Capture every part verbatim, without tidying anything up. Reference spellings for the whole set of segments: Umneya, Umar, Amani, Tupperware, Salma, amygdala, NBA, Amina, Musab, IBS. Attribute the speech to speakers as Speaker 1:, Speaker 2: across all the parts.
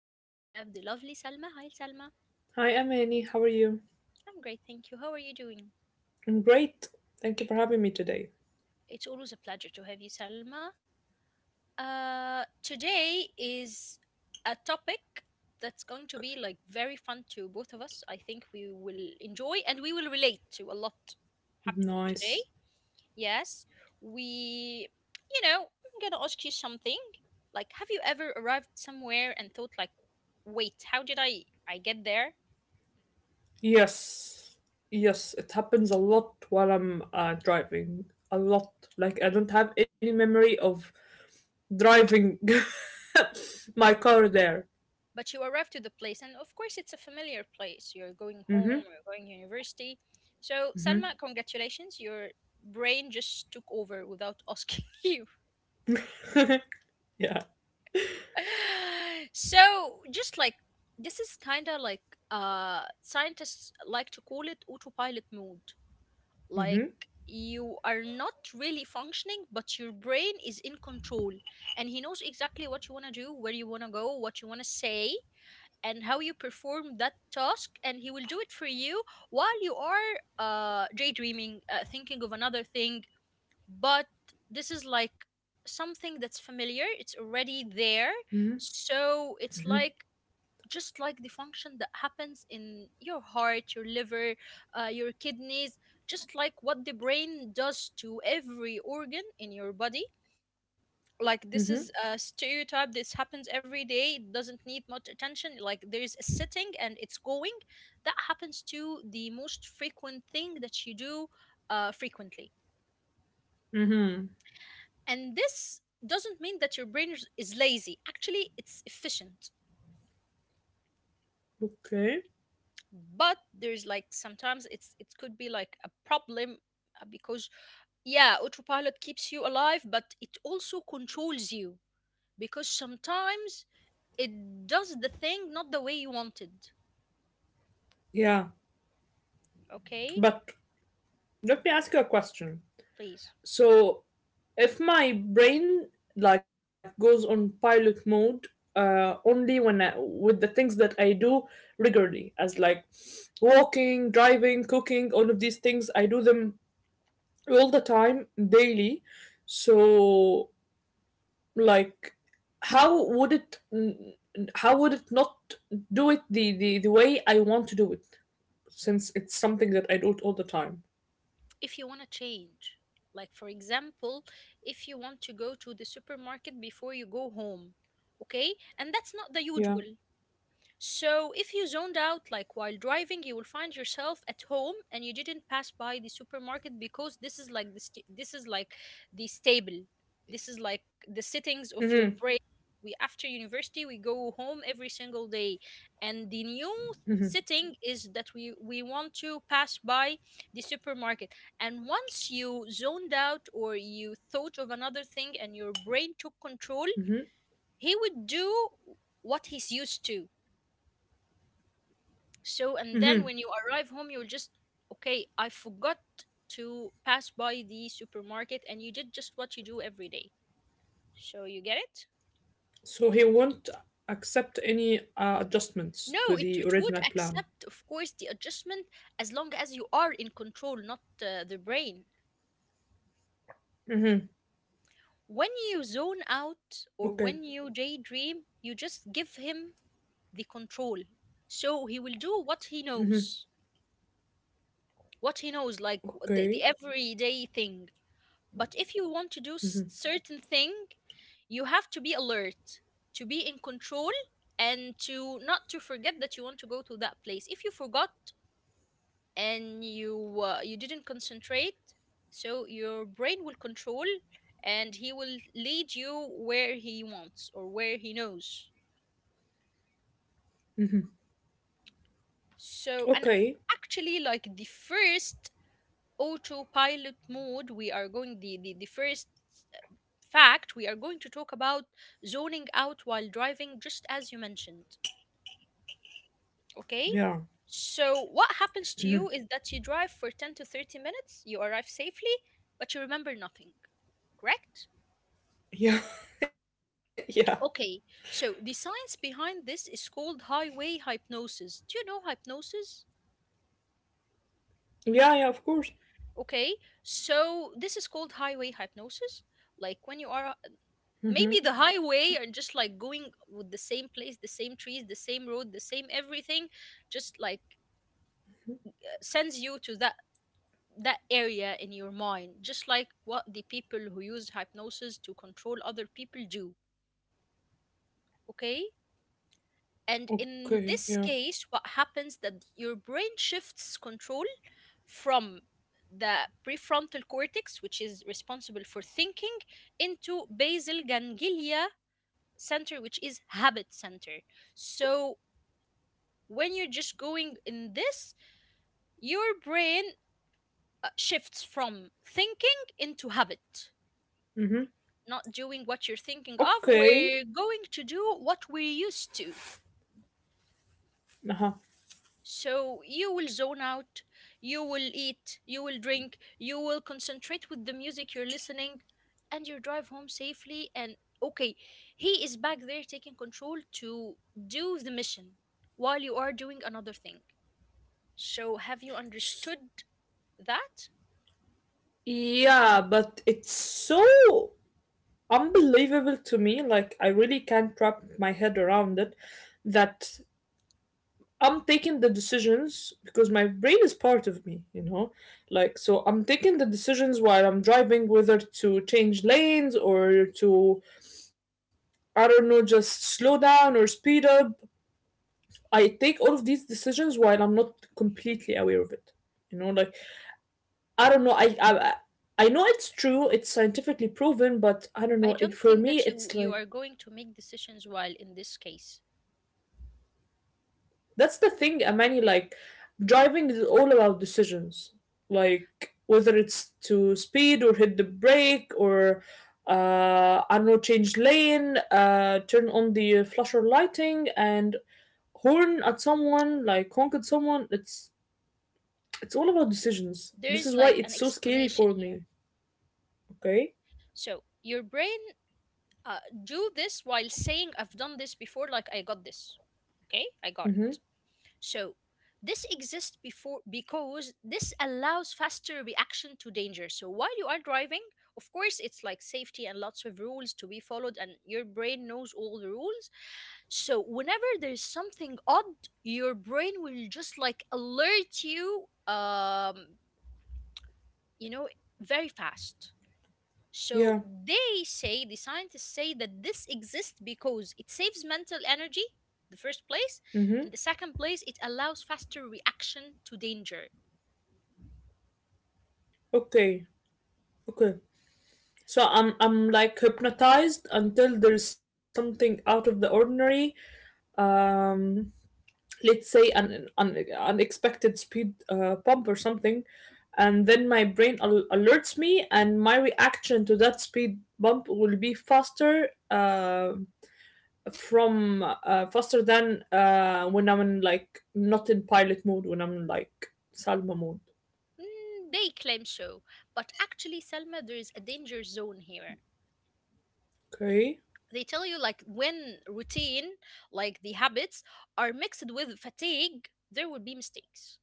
Speaker 1: and today I have the lovely Salma. Hi, Salma.
Speaker 2: Hi, I'm Annie. How are you?
Speaker 1: I'm great, thank you. How are you doing?
Speaker 2: I'm great. Thank you for having me today.
Speaker 1: It's always a pleasure to have you, Salma. Uh, today is a topic that's going to be like very fun to both of us. I think we will enjoy and we will relate to a lot happening
Speaker 2: Nice.
Speaker 1: today. Yes, we, you know, I'm gonna ask you something. Like, have you ever arrived somewhere and thought, like, wait, how did I I get there?
Speaker 2: Yes. Yes, it happens a lot while I'm uh, driving. A lot. Like, I don't have any memory of driving my car there.
Speaker 1: But you arrive to the place, and of course, it's a familiar place. You're going home,
Speaker 2: Mm-hmm.
Speaker 1: you're going to university. So,
Speaker 2: Mm-hmm.
Speaker 1: Salma, congratulations, your brain just took over without asking you.
Speaker 2: yeah.
Speaker 1: So, just like this is kind of like, uh scientists like to call it autopilot mode, like
Speaker 2: Mm-hmm.
Speaker 1: you are not really functioning, but your brain is in control, and he knows exactly what you want to do, where you want to go, what you want to say, and how you perform that task, and he will do it for you while you are uh daydreaming, uh, thinking of another thing. But this is like something that's familiar, it's already there.
Speaker 2: Mm-hmm.
Speaker 1: So
Speaker 2: Mm-hmm.
Speaker 1: it's like just like the function that happens in your heart, your liver, uh, your kidneys, just like what the brain does to every organ in your body.
Speaker 2: Mm-hmm.
Speaker 1: Like this is a stereotype. This happens every day. It doesn't need much attention. Like there is a setting and it's going. That happens to the most frequent thing that you do, uh, frequently.
Speaker 2: Mm-hmm.
Speaker 1: And this doesn't mean that your brain is is lazy. Actually, it's efficient.
Speaker 2: Okay.
Speaker 1: But there's like sometimes it's it could be like a problem, uh, because yeah, autopilot keeps you alive, but it also controls you, because sometimes it does the thing not the way you wanted.
Speaker 2: Yeah.
Speaker 1: Okay,
Speaker 2: But let me ask you a question.
Speaker 1: please.
Speaker 2: So, if my brain like goes on pilot mode uh, only when I, with the things that I do regularly, as like walking, driving, cooking, all of these things, I do them all the time, daily. So, like, how would it, n- how would it not do it the the, the way I want to do it, since it's something that I do it all the time?
Speaker 1: If you want to change, like for example, if you want to go to the supermarket before you go home, okay, and that's not the
Speaker 2: Yeah.
Speaker 1: usual. So, if you zoned out like while driving, you will find yourself at home and you didn't pass by the supermarket, because this is like the st- this is like the stable. This is like the sittings of
Speaker 2: Mm-hmm.
Speaker 1: your brain. We, after university, we go home every single day, and the new sitting is that we we want to pass by the supermarket. And once you zoned out or you thought of another thing and your brain took control,
Speaker 2: Mm-hmm.
Speaker 1: he would do what he's used to. So, and then when you arrive home, you'll just, okay, I forgot to pass by the supermarket, and you did just what you do every day. So, you get it?
Speaker 2: So he won't accept any uh, adjustments
Speaker 1: No,
Speaker 2: to
Speaker 1: it, it
Speaker 2: the
Speaker 1: would
Speaker 2: original
Speaker 1: accept,
Speaker 2: plan.
Speaker 1: of course, the adjustment, as long as you are in control, not uh, the brain.
Speaker 2: Mm-hmm.
Speaker 1: When you zone out or
Speaker 2: Okay.
Speaker 1: when you daydream, you just give him the control. So, he will do what he knows. What he knows, like w- the, the
Speaker 2: Okay.
Speaker 1: everyday thing. But if you want to do s- certain thing, you have to be alert, to be in control, and to not to forget that you want to go to that place. If you forgot and you uh, you didn't concentrate, so your brain will control and he will lead you where he wants or where he knows. So and
Speaker 2: Okay.
Speaker 1: actually, like the first autopilot mode, we are going the the, the first fact, we are going to talk about zoning out while driving, just as you mentioned.
Speaker 2: Yeah.
Speaker 1: Okay? So, what happens to you is that you drive for ten to thirty minutes, you arrive safely, but you remember nothing. Correct?
Speaker 2: Yeah. yeah.
Speaker 1: Okay, so the science behind this is called highway hypnosis. Do you know hypnosis?
Speaker 2: Yeah. Yeah. Of course.
Speaker 1: Okay, so this is called highway hypnosis. Like when you are maybe the highway and just like going with the same place, the same trees, the same road, the same everything, just like, uh, sends you to that that area in your mind, just like what the people who use hypnosis to control other people do. Okay,
Speaker 2: Okay.
Speaker 1: and
Speaker 2: Yeah.
Speaker 1: in this case what happens that your brain shifts control from the prefrontal cortex, which is responsible for thinking, into basal ganglia center, which is habit center. So when you're just going in this, your brain uh, shifts from thinking into habit,
Speaker 2: Mm-hmm.
Speaker 1: not doing what you're thinking
Speaker 2: Okay.
Speaker 1: of. We're going to do what we're used to.
Speaker 2: Uh-huh.
Speaker 1: So you will zone out, you will eat, you will drink, you will concentrate with the music you're listening, and you drive home safely, and okay, he is back there taking control to do the mission while you are doing another thing. So have you
Speaker 2: S-
Speaker 1: understood that?
Speaker 2: yeah, but it's so unbelievable to me. Like I really can't wrap my head around it. That I'm taking the decisions because my brain is part of me, you know? Like, so I'm taking the decisions while I'm driving whether to change lanes or to, I don't know, just slow down or speed up. I take all of these decisions while I'm not completely aware of it. You know, like, I don't know, I, I, I know it's true, it's scientifically proven, but I don't
Speaker 1: I
Speaker 2: know, it
Speaker 1: don't
Speaker 2: for
Speaker 1: think
Speaker 2: me,
Speaker 1: that you
Speaker 2: it's
Speaker 1: you
Speaker 2: like,
Speaker 1: are going to make decisions while in this case.
Speaker 2: that's the thing, Amani. Like, driving is all about decisions. Like, whether it's to speed or hit the brake or, uh, I don't know, change lane, uh, turn on the flasher lighting and horn at someone, like, honk at someone. It's it's all about decisions.
Speaker 1: There
Speaker 2: This
Speaker 1: is
Speaker 2: is why
Speaker 1: like an
Speaker 2: it's so scary
Speaker 1: explanation
Speaker 2: for
Speaker 1: here.
Speaker 2: me. Okay.
Speaker 1: So your brain, uh, do this while saying I've done this before, like I got this. Okay, I got
Speaker 2: Mm-hmm.
Speaker 1: it. So this exists before because this allows faster reaction to danger. So while you are driving, of course, it's like safety and lots of rules to be followed, and your brain knows all the rules. So whenever there's something odd, your brain will just like alert you um you know very fast. So
Speaker 2: Yeah.
Speaker 1: they say the scientists say that this exists because it saves mental energy the first place, and
Speaker 2: Mm-hmm.
Speaker 1: the second place, it allows faster reaction to danger.
Speaker 2: Okay. Okay. So I'm I'm like hypnotized until there's something out of the ordinary. Um let's say an, an unexpected speed uh, bump or something, and then my brain al- alerts me and my reaction to that speed bump will be faster uh, from uh, faster than uh, when I'm in, like, not in pilot mode, when I'm in, like, Salma mode.
Speaker 1: Mm, they claim so, but actually Selma, there is a danger zone here.
Speaker 2: Okay.
Speaker 1: They tell you, like when routine, like the habits are mixed with fatigue, there will be mistakes.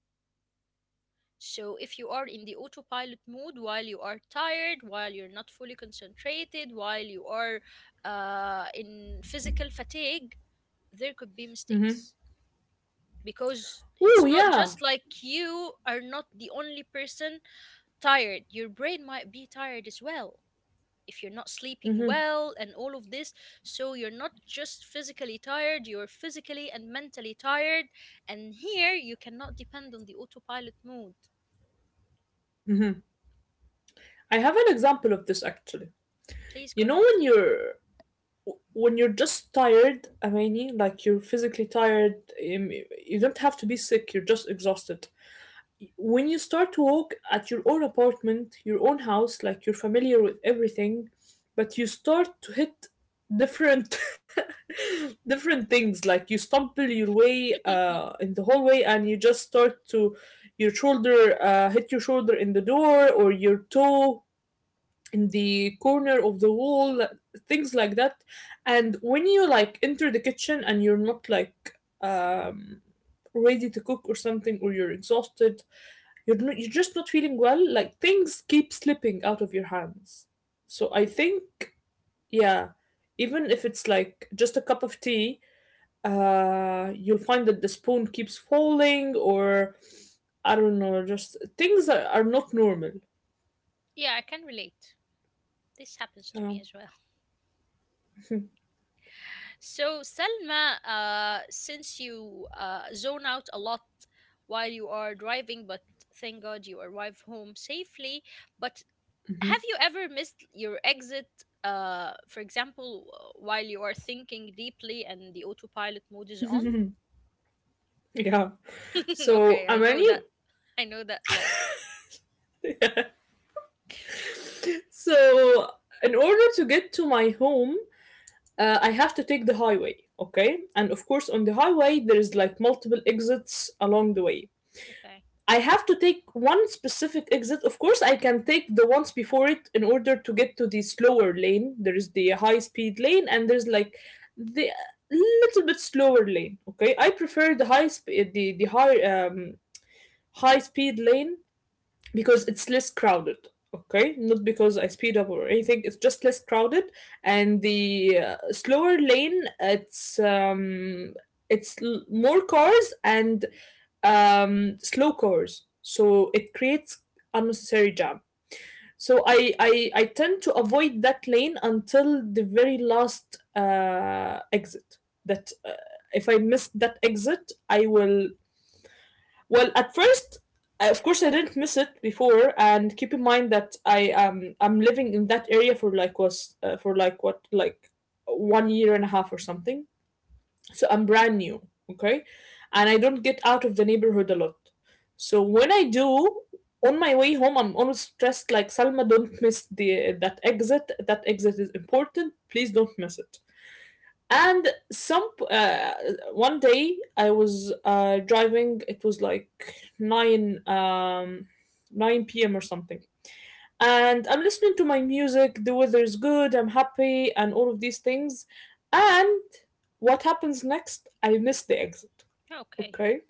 Speaker 1: So if you are in the autopilot mode while you are tired, while you're not fully concentrated, while you are uh, in physical fatigue, there could be
Speaker 2: Mm-hmm.
Speaker 1: mistakes, because
Speaker 2: Oh
Speaker 1: it's not
Speaker 2: yeah.
Speaker 1: just like you are not the only person tired, your brain might be tired as well. If you're not sleeping
Speaker 2: Mm-hmm.
Speaker 1: well and all of this, so you're not just physically tired, you're physically and mentally tired, and here you cannot depend on the autopilot mode.
Speaker 2: Mm-hmm. I have an example of this actually.
Speaker 1: Please
Speaker 2: You
Speaker 1: go
Speaker 2: know
Speaker 1: ahead.
Speaker 2: when you're when you're just tired, I mean, like you're physically tired, um, you don't have to be sick, you're just exhausted. When you start to walk at your own apartment, your own house, like you're familiar with everything, but you start to hit different different things, like you stumble your way uh in the hallway, and you just start to your shoulder uh hit your shoulder in the door, or your toe in the corner of the wall, things like that. And when you like enter the kitchen and you're not like um ready to cook or something, or you're exhausted, you're not, you're just not feeling well, like things keep slipping out of your hands. So I think, yeah, even if it's like just a cup of tea, uh you'll find that the spoon keeps falling, or I don't know, just things are, are not normal.
Speaker 1: Yeah, I can relate, this happens to
Speaker 2: Yeah.
Speaker 1: me as well. So Selma, uh, since you uh, zone out a lot while you are driving, but thank God you arrive home safely, but
Speaker 2: Hmm.
Speaker 1: have you ever missed your exit, uh for example, w- while you are thinking deeply and the autopilot mode is on?
Speaker 2: Yeah. So,
Speaker 1: Okay, I
Speaker 2: Amani,
Speaker 1: know that. I know that laugh.
Speaker 2: so in order to get to my home, uh, I have to take the highway, okay? And of course, on the highway, there's like multiple exits along the way.
Speaker 1: Okay,
Speaker 2: I have to take one specific exit. Of course, I can take the ones before it in order to get to the slower lane. There is the high speed lane, and there's like the little bit slower lane. Okay, I prefer the high speed, the the high um high speed lane, because it's less crowded. Okay, not because I speed up or anything, it's just less crowded. And the uh, slower lane, it's um it's l- more cars, and um slow cars, so it creates unnecessary jam. So i i, I tend to avoid that lane until the very last uh exit, that uh, if I miss that exit, I will, well, at first, uh, of course, I didn't miss it before. And keep in mind that I um I'm living in that area for like was uh, for like what, like one year and a half or something. So I'm brand new, okay, and I don't get out of the neighborhood a lot. So when I do, on my way home, I'm always stressed, like, Salma, don't miss the that exit. That exit is important. Please don't miss it. And some uh, one day I was uh, driving. It was like nine um, nine p m or something, and I'm listening to my music. The weather is good. I'm happy, and all of these things. And what happens next? I miss the exit.
Speaker 1: okay,
Speaker 2: Okay,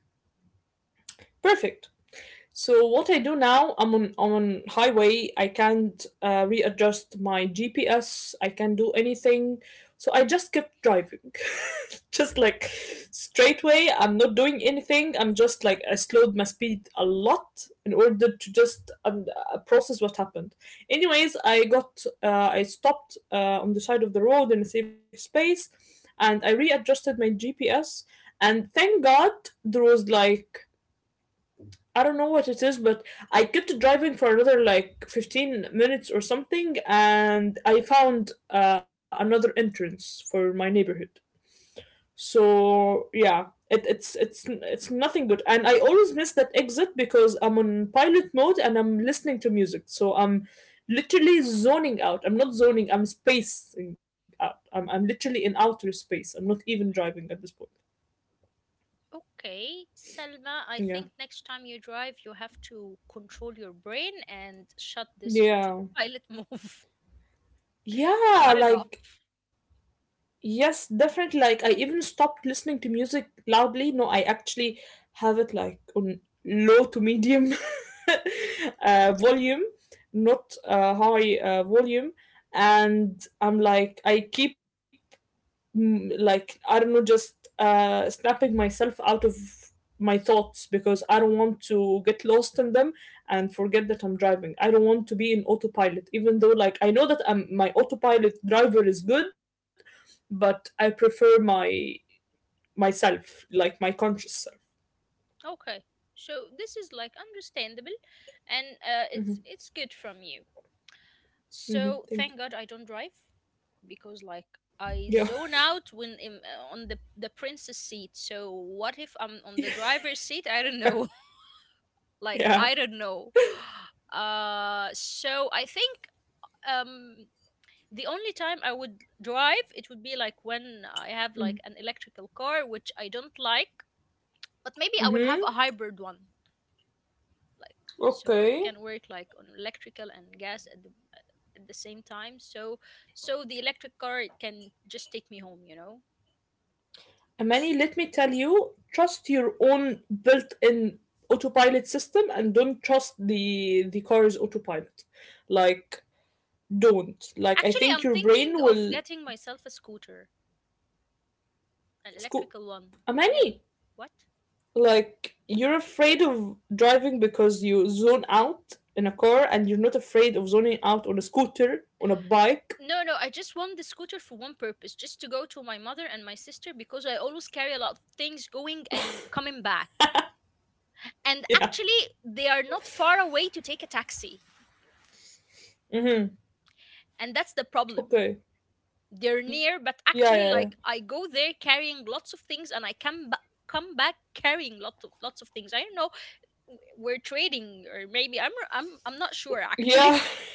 Speaker 2: perfect. So what I do now, I'm on on highway. I can't uh, readjust my G P S. I can't do anything. So I just kept driving, just like straight way. I'm not doing anything. I'm just like I slowed my speed a lot in order to just um, uh, process what happened. Anyways, I got uh, I stopped uh, on the side of the road in a safe space, and I readjusted my G P S. And thank God there was like, I don't know what it is, but I kept driving for another like fifteen minutes or something, and I found uh, another entrance for my neighborhood. So yeah, it, it's it's it's nothing good, and I always miss that exit because I'm on pilot mode and I'm listening to music, so I'm literally zoning out. I'm not zoning, I'm spacing out. I'm I'm literally in outer space. I'm not even driving at this point.
Speaker 1: okay, Selma, I think
Speaker 2: Yeah.
Speaker 1: next time you drive you have to control your brain and shut this
Speaker 2: Yeah.
Speaker 1: autopilot move.
Speaker 2: Yeah,
Speaker 1: Shut it off.
Speaker 2: like, yes, definitely. Like I even stopped listening to music loudly. No, I actually have it like on low to medium uh, volume, not uh, high uh, volume. And I'm like, I keep mm, like I don't know, just uh, snapping myself out of my thoughts, because I don't want to get lost in them and forget that I'm driving. I don't want to be in autopilot, even though like I know that I'm, my autopilot driver is good, but I prefer my myself, like my conscious self.
Speaker 1: Okay, so this is like understandable, and uh,
Speaker 2: Mm-hmm.
Speaker 1: it's it's good from you.
Speaker 2: Mm-hmm.
Speaker 1: So
Speaker 2: Thank you.
Speaker 1: thank God I don't drive, because like
Speaker 2: Yeah.
Speaker 1: I zone out when I'm uh, on the the princess seat. So what if I'm on the driver's seat? I don't know. Like
Speaker 2: yeah.
Speaker 1: I don't know. Uh so I think, um the only time I would drive it would be like when I
Speaker 2: Mm-hmm.
Speaker 1: have like an electrical car, which I don't like, but maybe I will have
Speaker 2: Mm-hmm.
Speaker 1: a hybrid one, like so it
Speaker 2: Okay.
Speaker 1: can work like on electrical and gas at the at the same time, so so the electric car it can just take me home, you know.
Speaker 2: Amani, let me tell you, trust your own built-in autopilot system and don't trust the the car's autopilot. Like, don't. Like, I
Speaker 1: Actually,
Speaker 2: think
Speaker 1: I'm
Speaker 2: your
Speaker 1: thinking
Speaker 2: brain
Speaker 1: of
Speaker 2: will
Speaker 1: getting myself a scooter, an
Speaker 2: sco-
Speaker 1: electrical one. Yeah,
Speaker 2: Amani,
Speaker 1: what?
Speaker 2: like you're afraid of driving because you zone out in a car, and you're not afraid of zoning out on a scooter, on a bike.
Speaker 1: No, no, I just want the scooter for one purpose, just to go to my mother and my sister because I always carry a lot of things going and coming back. And
Speaker 2: Yeah.
Speaker 1: actually they are not far away to take a taxi,
Speaker 2: Hmm.
Speaker 1: and that's the problem.
Speaker 2: Okay.
Speaker 1: They're near, but
Speaker 2: Yeah,
Speaker 1: actually
Speaker 2: yeah, yeah.
Speaker 1: like I go there carrying lots of things and I come back come back carrying lots of lots of things, I don't know, w- we're trading, or maybe i'm i'm, I'm not sure actually.
Speaker 2: Yeah.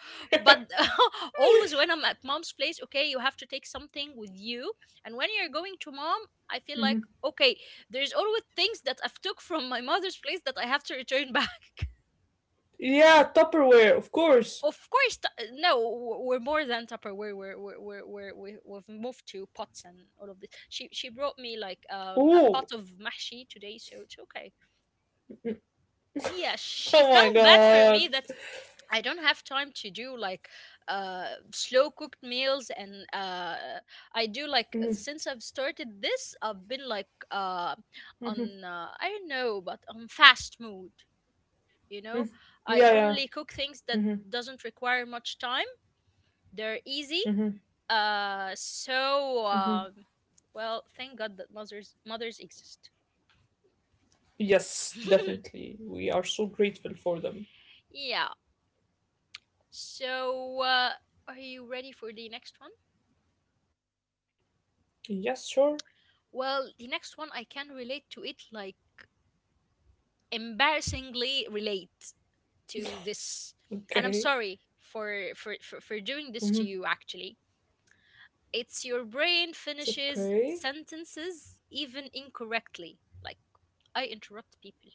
Speaker 1: But always when I'm at mom's place, okay, you have to take something with you. And when you're going to mom, I feel like okay, there's always things that I've took from my mother's place that I have to return back.
Speaker 2: Yeah, Tupperware, of
Speaker 1: Of
Speaker 2: course.
Speaker 1: course, t- uh, no, w- we're more than Tupperware. We're, we're, we're, we're, we- we've moved to pots and all of this. She she brought me like, um, a
Speaker 2: Ooh.
Speaker 1: pot of mahshi today, so it's okay. Yeah, she
Speaker 2: Oh my
Speaker 1: felt bad for me
Speaker 2: god.
Speaker 1: that I don't have time to do like, uh, slow cooked meals, and uh, I
Speaker 2: Mhm.
Speaker 1: do like since I've started this, I've been like, uh, on, uh, I don't know, but on fast mood. You know, I
Speaker 2: Yeah, yeah.
Speaker 1: only cook things that doesn't require much time. They're easy. Uh, so um, well, thank God that mothers mothers exist.
Speaker 2: Yes, definitely. We are so grateful for them.
Speaker 1: Yeah. So uh, are you ready for the next one?
Speaker 2: Yes, sure.
Speaker 1: Well, the next one I can relate to it, like embarrassingly relate to this, and I'm
Speaker 2: Okay.
Speaker 1: sorry for for for, for doing this to
Speaker 2: Mhm.
Speaker 1: you. Actually, it's your
Speaker 2: It's
Speaker 1: brain
Speaker 2: okay.
Speaker 1: finishes sentences even incorrectly. Like I interrupt people,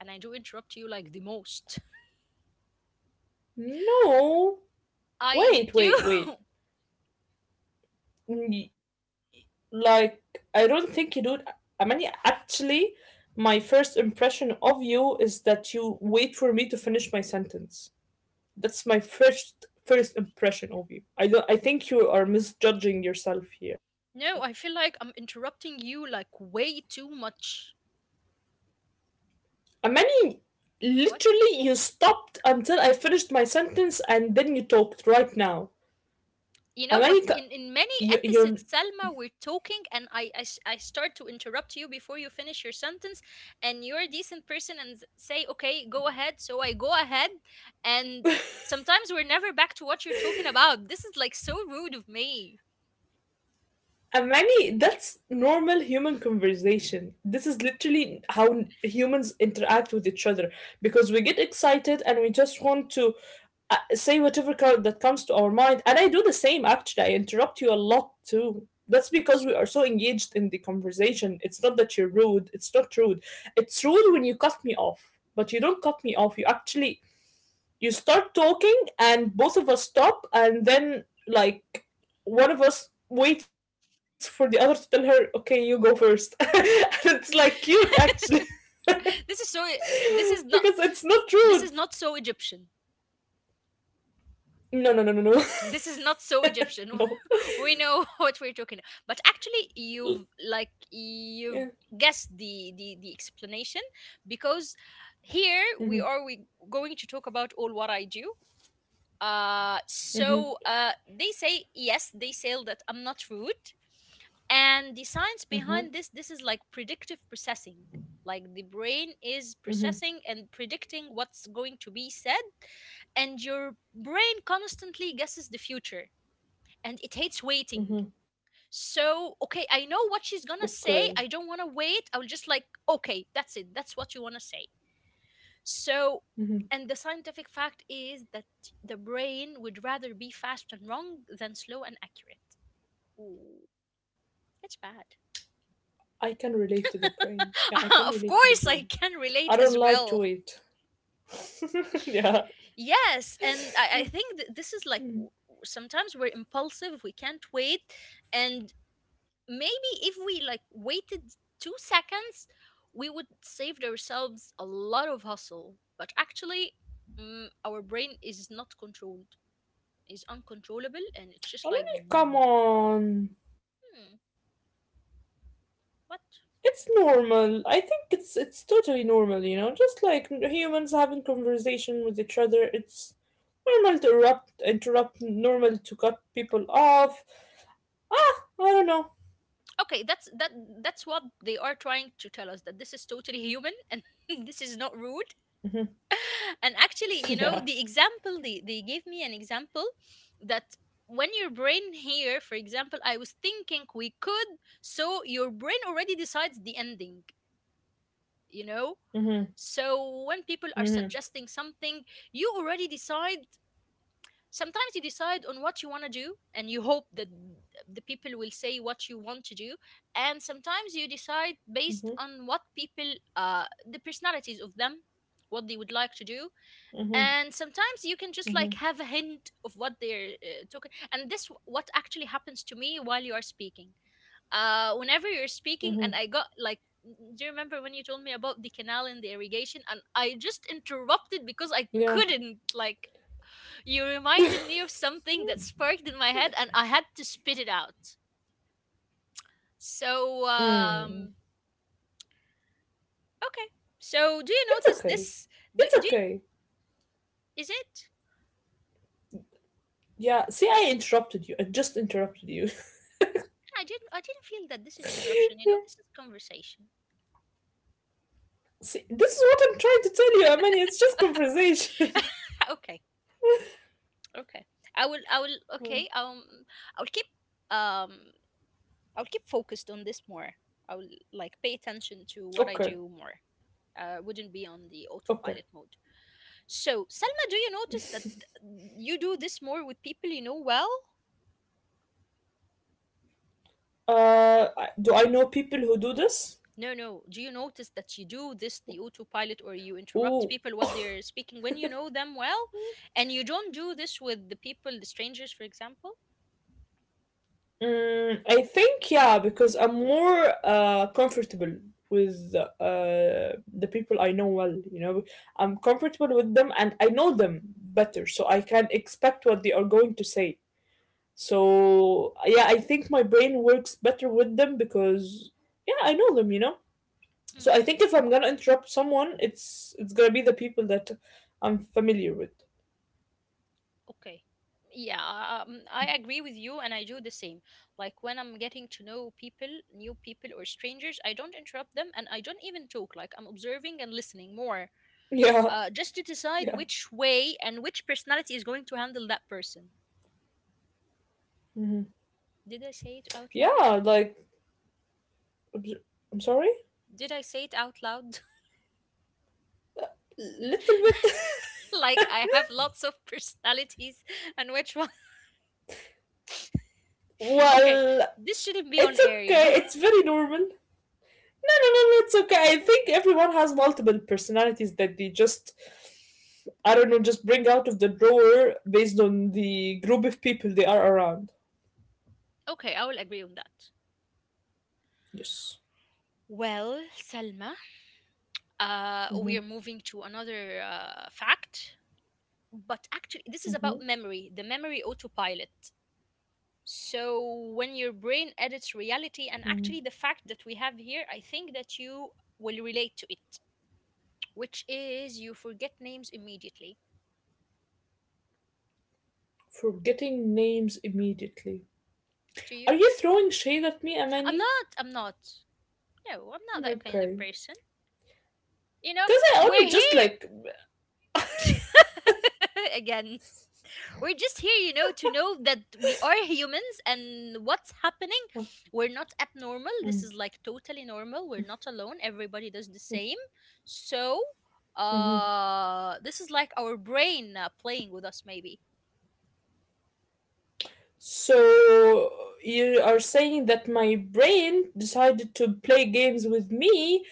Speaker 1: and I do interrupt you like the most.
Speaker 2: No.
Speaker 1: I
Speaker 2: Wait,
Speaker 1: do.
Speaker 2: wait, wait. Mm, like, I don't think you do it. I, actually, my first impression of you is that you wait for me to finish my sentence. That's my first first impression of you. I don't. I think you are misjudging yourself here.
Speaker 1: No, I feel like I'm interrupting you like way too much.
Speaker 2: Amani,
Speaker 1: What?
Speaker 2: literally, you stopped until I finished my sentence and then you talked right now.
Speaker 1: You know,
Speaker 2: Amani,
Speaker 1: but
Speaker 2: c-
Speaker 1: in in many
Speaker 2: you, you're
Speaker 1: episodes, Salma, we're talking and I I, s- I start to interrupt you before you finish your sentence, and you're a decent person and s- say, "Okay, go ahead." So I go ahead, and sometimes we're never back to what you're talking about. This is like so rude of me.
Speaker 2: and many, that's normal human conversation. This is literally how humans interact with each other, because we get excited and we just want to uh, say whatever co- that comes to our mind. And I do the same actually. I interrupt you a lot too. That's because we are so engaged in the conversation. It's not that you're rude. It's not rude. It's rude when you cut me off, but you don't cut me off. You actually you start talking and both of us stop, and then like one of us waits for the other to tell her, okay, you go first, and it's like cute actually.
Speaker 1: This is so uh,
Speaker 2: Because
Speaker 1: this is
Speaker 2: it's
Speaker 1: not
Speaker 2: not true.
Speaker 1: this is not so Egyptian.
Speaker 2: No, no, no, no, no.
Speaker 1: This is not so Egyptian.
Speaker 2: No.
Speaker 1: We know what we're talking. But actually you've like
Speaker 2: Yeah.
Speaker 1: you've guessed the the, the explanation, because here
Speaker 2: Mhm.
Speaker 1: we are, we going to talk about all what I do. uh
Speaker 2: Mhm.
Speaker 1: so uh they say yes, they say that I'm not rude. And the science
Speaker 2: Mhm.
Speaker 1: behind this this is like predictive processing. Like the brain is
Speaker 2: Mhm.
Speaker 1: processing and predicting what's going to be said, and your brain constantly guesses the future, and it hates waiting.
Speaker 2: Mhm.
Speaker 1: So, okay, I know what she's
Speaker 2: Okay.
Speaker 1: gonna say. I don't wanna wait. I'll just like, okay, that's it. That's what you wanna say. So,
Speaker 2: Mhm.
Speaker 1: and the scientific fact is that the brain would rather be fast and wrong than slow and accurate. Ooh, that's bad.
Speaker 2: I can relate to the brain, yeah, I can relate to
Speaker 1: Uh,
Speaker 2: the
Speaker 1: of
Speaker 2: brain.
Speaker 1: course, I can
Speaker 2: I don't
Speaker 1: relate as
Speaker 2: like to
Speaker 1: well.
Speaker 2: wait. Yeah.
Speaker 1: Yes, and I, I think th- this is like, w- sometimes we're impulsive, we can't wait, and maybe if we like waited two seconds, we would save ourselves a lot of hustle. But actually, mm, our brain is not controlled, is uncontrollable, and it's just
Speaker 2: Oh,
Speaker 1: like hmm,
Speaker 2: come on. It's
Speaker 1: what.
Speaker 2: normal. I think it's it's totally normal, you know. Just like n- humans having conversation with each other, it's normal to erupt, interrupt, normal to cut people off. Ah, I don't know.
Speaker 1: Okay, that's that that's what they are trying to tell us, that this is totally human and this is not rude.
Speaker 2: Mm-hmm.
Speaker 1: And actually, you know,
Speaker 2: Yeah.
Speaker 1: the example they, they gave me an example that when your brain here, for example, I was thinking we could, so your brain already decides the ending, you know.
Speaker 2: Mm-hmm.
Speaker 1: So when people are
Speaker 2: Mm-hmm.
Speaker 1: suggesting something, you already decide. Sometimes you decide on what you want to do, and you hope that the people will say what you want to do. And sometimes you decide
Speaker 2: Mm-hmm.
Speaker 1: based on what people, uh, the personalities of them, what they would like to do.
Speaker 2: Mm-hmm.
Speaker 1: And sometimes you can just
Speaker 2: Mm-hmm.
Speaker 1: like have a hint of what they're, uh, talking, and this w- what actually happens to me while you are speaking. uh whenever you're speaking and
Speaker 2: Mm-hmm.
Speaker 1: I got like, do you remember when you told me about the canal and the irrigation, and I just interrupted because I
Speaker 2: Yeah.
Speaker 1: couldn't like, you reminded me of something that sparked in my head and I had to spit it out. so
Speaker 2: Mm.
Speaker 1: um okay. So do you
Speaker 2: It's
Speaker 1: notice
Speaker 2: okay.
Speaker 1: this? do,
Speaker 2: It's
Speaker 1: do you-
Speaker 2: okay.
Speaker 1: is it?
Speaker 2: Yeah. See, I interrupted you. I just interrupted you.
Speaker 1: I didn't, i didn't feel that this is interruption. You
Speaker 2: Yeah.
Speaker 1: know, this is conversation.
Speaker 2: See, this is what I'm trying to tell you, I mean, it's just conversation.
Speaker 1: Okay, okay. I will i will
Speaker 2: Mm.
Speaker 1: okay. Um i'll keep um I'll keep focused on this more. I will like pay attention to what I
Speaker 2: Okay.
Speaker 1: do more. uh wouldn't be on the
Speaker 2: Okay.
Speaker 1: autopilot mode. So Selma, do you notice that you do this more with people you know well?
Speaker 2: Uh, I- do I know people who do this?
Speaker 1: No, no, do you notice that you do this, the autopilot, or you interrupt
Speaker 2: Ooh.
Speaker 1: people what they're speaking when you know them well, and you don't do this with the people, the strangers, for example?
Speaker 2: Mm, I think yeah, because I'm more uh comfortable with uh the people I know well, you know. I'm comfortable with them and I know them better, so I can expect what they are going to say. So yeah, I think my brain works better with them because, yeah, I know them, you know. So I
Speaker 1: Mm-hmm.
Speaker 2: think if I'm gonna interrupt someone, it's it's gonna be the people that I'm familiar with.
Speaker 1: Okay. Yeah, um, I agree with you, and I do the same. Like when I'm getting to know people, new people or strangers, I don't interrupt them, and I don't even talk. Like I'm observing and listening more,
Speaker 2: Yeah,
Speaker 1: uh, just to decide
Speaker 2: yeah.
Speaker 1: which way and which personality is going to handle that person. Did I say it out loud?
Speaker 2: Yeah, like obj- I'm sorry,
Speaker 1: Did I say it out loud?
Speaker 2: little bit.
Speaker 1: Like I have lots of personalities, and which one? Okay,
Speaker 2: Well,
Speaker 1: this shouldn't be on
Speaker 2: it's
Speaker 1: air, you know.
Speaker 2: okay. It's very normal. No, no, no, no. It's okay. I think everyone has multiple personalities that they just, I don't know, just bring out of the drawer based on the group of people they are around.
Speaker 1: Okay, I will agree on that.
Speaker 2: Yes.
Speaker 1: Well, Salma, uh,
Speaker 2: Mm-hmm.
Speaker 1: we are moving to another uh, fact, but actually this is about
Speaker 2: Mm-hmm.
Speaker 1: memory, the memory autopilot. So when your brain edits
Speaker 2: Hmm.
Speaker 1: reality, and actually the fact that we have here, I think that you will relate to it, which is you forget names immediately.
Speaker 2: Forgetting names immediately.
Speaker 1: Do
Speaker 2: Are
Speaker 1: you?
Speaker 2: you throwing shade at me,
Speaker 1: i'm
Speaker 2: Amani?
Speaker 1: not i'm not no, I'm not that kind of
Speaker 2: Okay.
Speaker 1: person, you know.
Speaker 2: Because I only
Speaker 1: We're
Speaker 2: just
Speaker 1: here
Speaker 2: like.
Speaker 1: again. We're just here, you know, to know that we are humans and what's happening. We're not abnormal. This
Speaker 2: Mm.
Speaker 1: is like totally normal. We're not alone. Everybody does the same. So, uh, this is like our brain, uh, playing with us, maybe.
Speaker 2: So you are saying that my brain decided to play games with me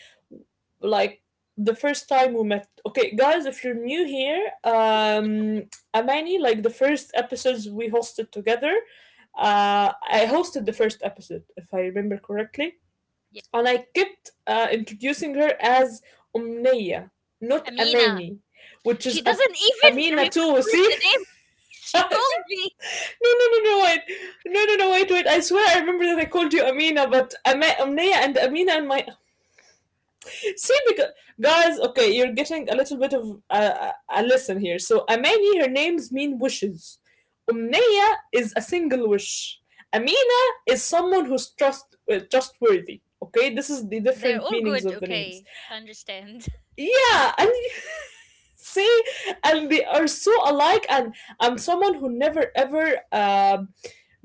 Speaker 2: like the first time we met. Okay, guys, if you're new here, um, Amani, like the first episodes we hosted together, uh, I hosted the first episode, if I remember correctly,
Speaker 1: Yeah.
Speaker 2: and I kept uh, introducing her as Umneya, not
Speaker 1: Amina.
Speaker 2: Amani, which
Speaker 1: She
Speaker 2: is a
Speaker 1: doesn't even
Speaker 2: Amina too,
Speaker 1: remember the
Speaker 2: see?
Speaker 1: name. She called me.
Speaker 2: No, no, no, no, wait. No, no, no, wait, wait. I swear I remember that I called you Amina, but Am- Amnaya and Amina and my. See, because. Guys, okay, you're getting a little bit of uh, uh, a lesson here. So, Amani, her names mean wishes. Umnaya is a single wish. Amina is someone who's trust uh, trustworthy. Okay, this is the
Speaker 1: They're
Speaker 2: different
Speaker 1: all
Speaker 2: meanings
Speaker 1: good.
Speaker 2: of the names.
Speaker 1: Okay. Understand.
Speaker 2: Yeah. And see, and they are so alike. And I'm someone who never ever um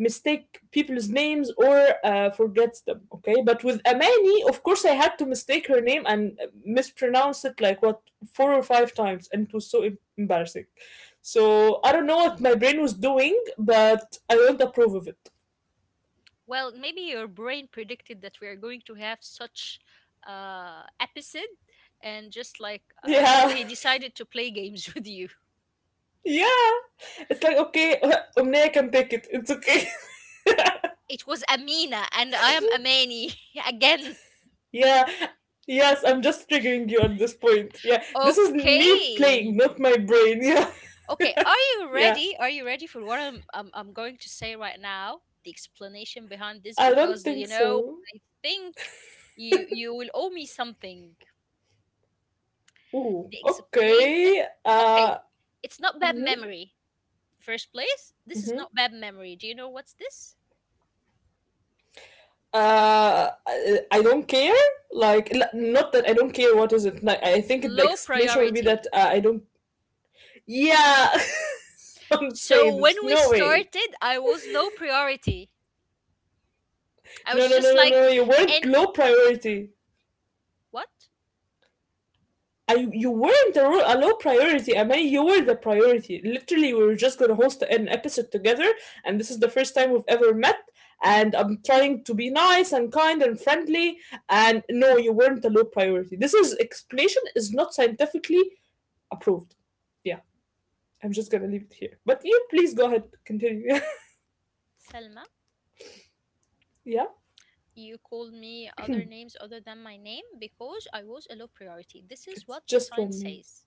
Speaker 2: mistake people's names or uh, forgets them. Okay, but with Amani, of course, I had to mistake her name and mispronounce it like what four or five times. And it was so em- embarrassing. So I don't know what my brain was doing, but I don't approve of it.
Speaker 1: Well, maybe your brain predicted that we are going to have such uh episode, and just like uh
Speaker 2: Yeah.
Speaker 1: it decided to play games with you.
Speaker 2: Yeah, it's like okay. Umnaya can take it. It's okay.
Speaker 1: It was Amina and I am Amani again.
Speaker 2: Yeah. Yes, I'm just triggering you at this point. Yeah. This is me playing,
Speaker 1: Okay.
Speaker 2: not my brain. Yeah.
Speaker 1: Okay, are you
Speaker 2: Yeah.
Speaker 1: ready? Are you ready for what I'm, I'm I'm going to say right now? The explanation behind this,
Speaker 2: I don't
Speaker 1: because
Speaker 2: think
Speaker 1: you know,
Speaker 2: so.
Speaker 1: I think you you will owe me something.
Speaker 2: Ooh.
Speaker 1: The explanation.
Speaker 2: Okay.
Speaker 1: Okay,
Speaker 2: Uh
Speaker 1: it's not bad
Speaker 2: mhm,
Speaker 1: memory. First place, this is
Speaker 2: mhm.
Speaker 1: not bad memory. Do you know what's this?
Speaker 2: Uh, I I don't care. Like, l- not that I don't care. What is it? Like, I think the
Speaker 1: Low
Speaker 2: explanation will be that
Speaker 1: priority.
Speaker 2: uh, I don't. Yeah, don't say
Speaker 1: So
Speaker 2: this.
Speaker 1: when we
Speaker 2: No way.
Speaker 1: started, I was low priority. I
Speaker 2: No,
Speaker 1: was
Speaker 2: no, no,
Speaker 1: just
Speaker 2: no,
Speaker 1: like,
Speaker 2: no. You weren't
Speaker 1: and
Speaker 2: low priority.
Speaker 1: what?
Speaker 2: I you weren't a, ro- a low priority, I mean, you were the priority. Literally, we were just gonna host an episode together, and this is the first time we've ever met. And I'm trying to be nice and kind and friendly. And no, you weren't a low priority. This is explanation is not scientifically approved. Yeah, I'm just gonna leave it here. But you please go ahead, continue.
Speaker 1: Selma,
Speaker 2: Yeah,
Speaker 1: you called me other names other than my name because I was a low priority. This is
Speaker 2: it's
Speaker 1: what the
Speaker 2: just one
Speaker 1: science
Speaker 2: name.
Speaker 1: says.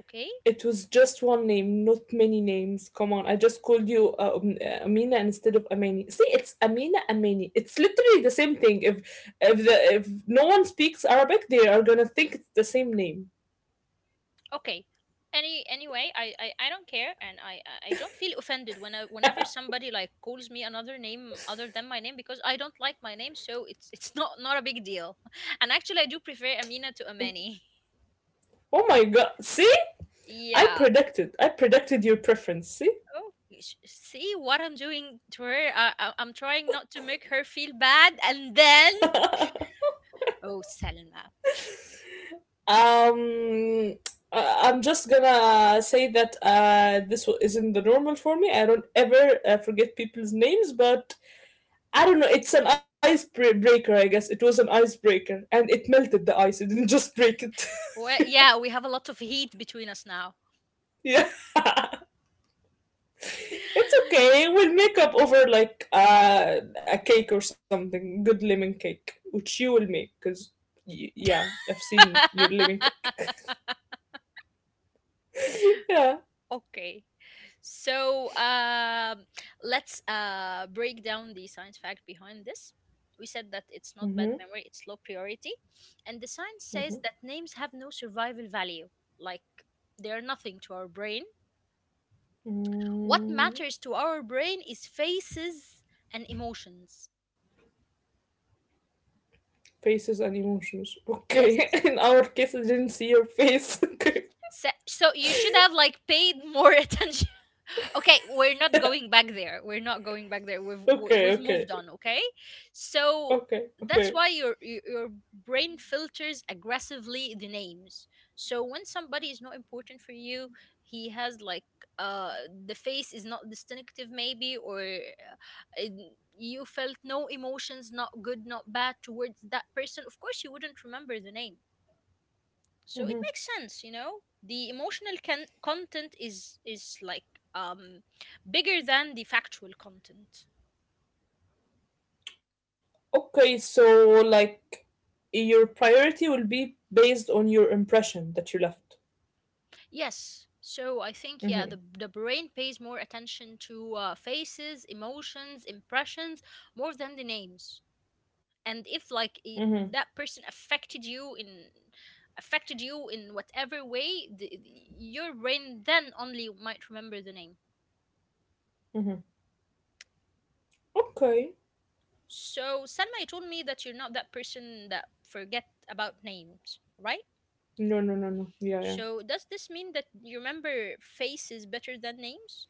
Speaker 1: Okay?
Speaker 2: It was just one name, not many names. Come on, I just called you uh, um, uh, Amina instead of Amani. See, it's Amina Amani. It's literally the same thing. If if the if no one speaks Arabic, they are gonna think it's the same name.
Speaker 1: Okay, any anyway, I, I i don't care, and i i I don't feel offended when I, whenever somebody like calls me another name other than my name, because I don't like my name. So it's it's not not a big deal. And actually, I do prefer Amina to Amani.
Speaker 2: Oh my god! See, I
Speaker 1: Yeah.
Speaker 2: predicted. I predicted your preference. See,
Speaker 1: Oh, sh- see what I'm doing to her. I, I, i'm trying not to make her feel bad, and then oh, Selma.
Speaker 2: um, I- I'm just gonna say that uh, this wa- isn't the normal for me. I don't ever uh, forget people's names, but I don't know. It's an icebreaker, I guess. It was an icebreaker, and it melted the ice. It didn't just break it.
Speaker 1: Well, yeah, we have a lot of heat between us now.
Speaker 2: Yeah, it's okay. We'll make up over like uh, a cake or something. Good lemon cake, which you will make, cause y- yeah, I've seen your lemon cake. Yeah.
Speaker 1: Okay. So um let's, uh, break down the science fact behind this. We said that it's
Speaker 2: Mm-hmm.
Speaker 1: not bad memory, it's low priority. And the science says that names have no survival value, like they're nothing to our brain. What
Speaker 2: Mm,
Speaker 1: matters to our brain is faces and emotions.
Speaker 2: Faces and emotions. Okay. In
Speaker 1: Yes,
Speaker 2: our case, I didn't see your face. Okay.
Speaker 1: Se- so you should have like paid more attention. Okay, we're not going back there. We're not going back there. We've we-
Speaker 2: Okay.
Speaker 1: we've
Speaker 2: Okay.
Speaker 1: moved on, okay?
Speaker 2: Okay.
Speaker 1: So
Speaker 2: Okay.
Speaker 1: that's why your your your brain filters aggressively the names. So when somebody is not important for you, he has like uh the face is not distinctive, maybe, or uh, n- you felt no emotions, not good, not bad, towards that person. Of course, you wouldn't remember the name. So it makes sense, you know, the emotional can- content is is like, um bigger than the factual content.
Speaker 2: Okay, so like your priority will be based on your impression that you left.
Speaker 1: Yes, so I think, yeah, the, the brain pays more attention to, uh, faces, emotions, impressions, more than the names. And if like
Speaker 2: Mm-hmm,
Speaker 1: I that person affected you in, affected you in whatever way, the, the- your brain then only might remember the name.
Speaker 2: mm-hmm. Okay.
Speaker 1: So Salma, you told me that you're not that person that forget about names, right?
Speaker 2: No, no, no, no. Yeah, yeah.
Speaker 1: So does this mean that you remember faces better than names?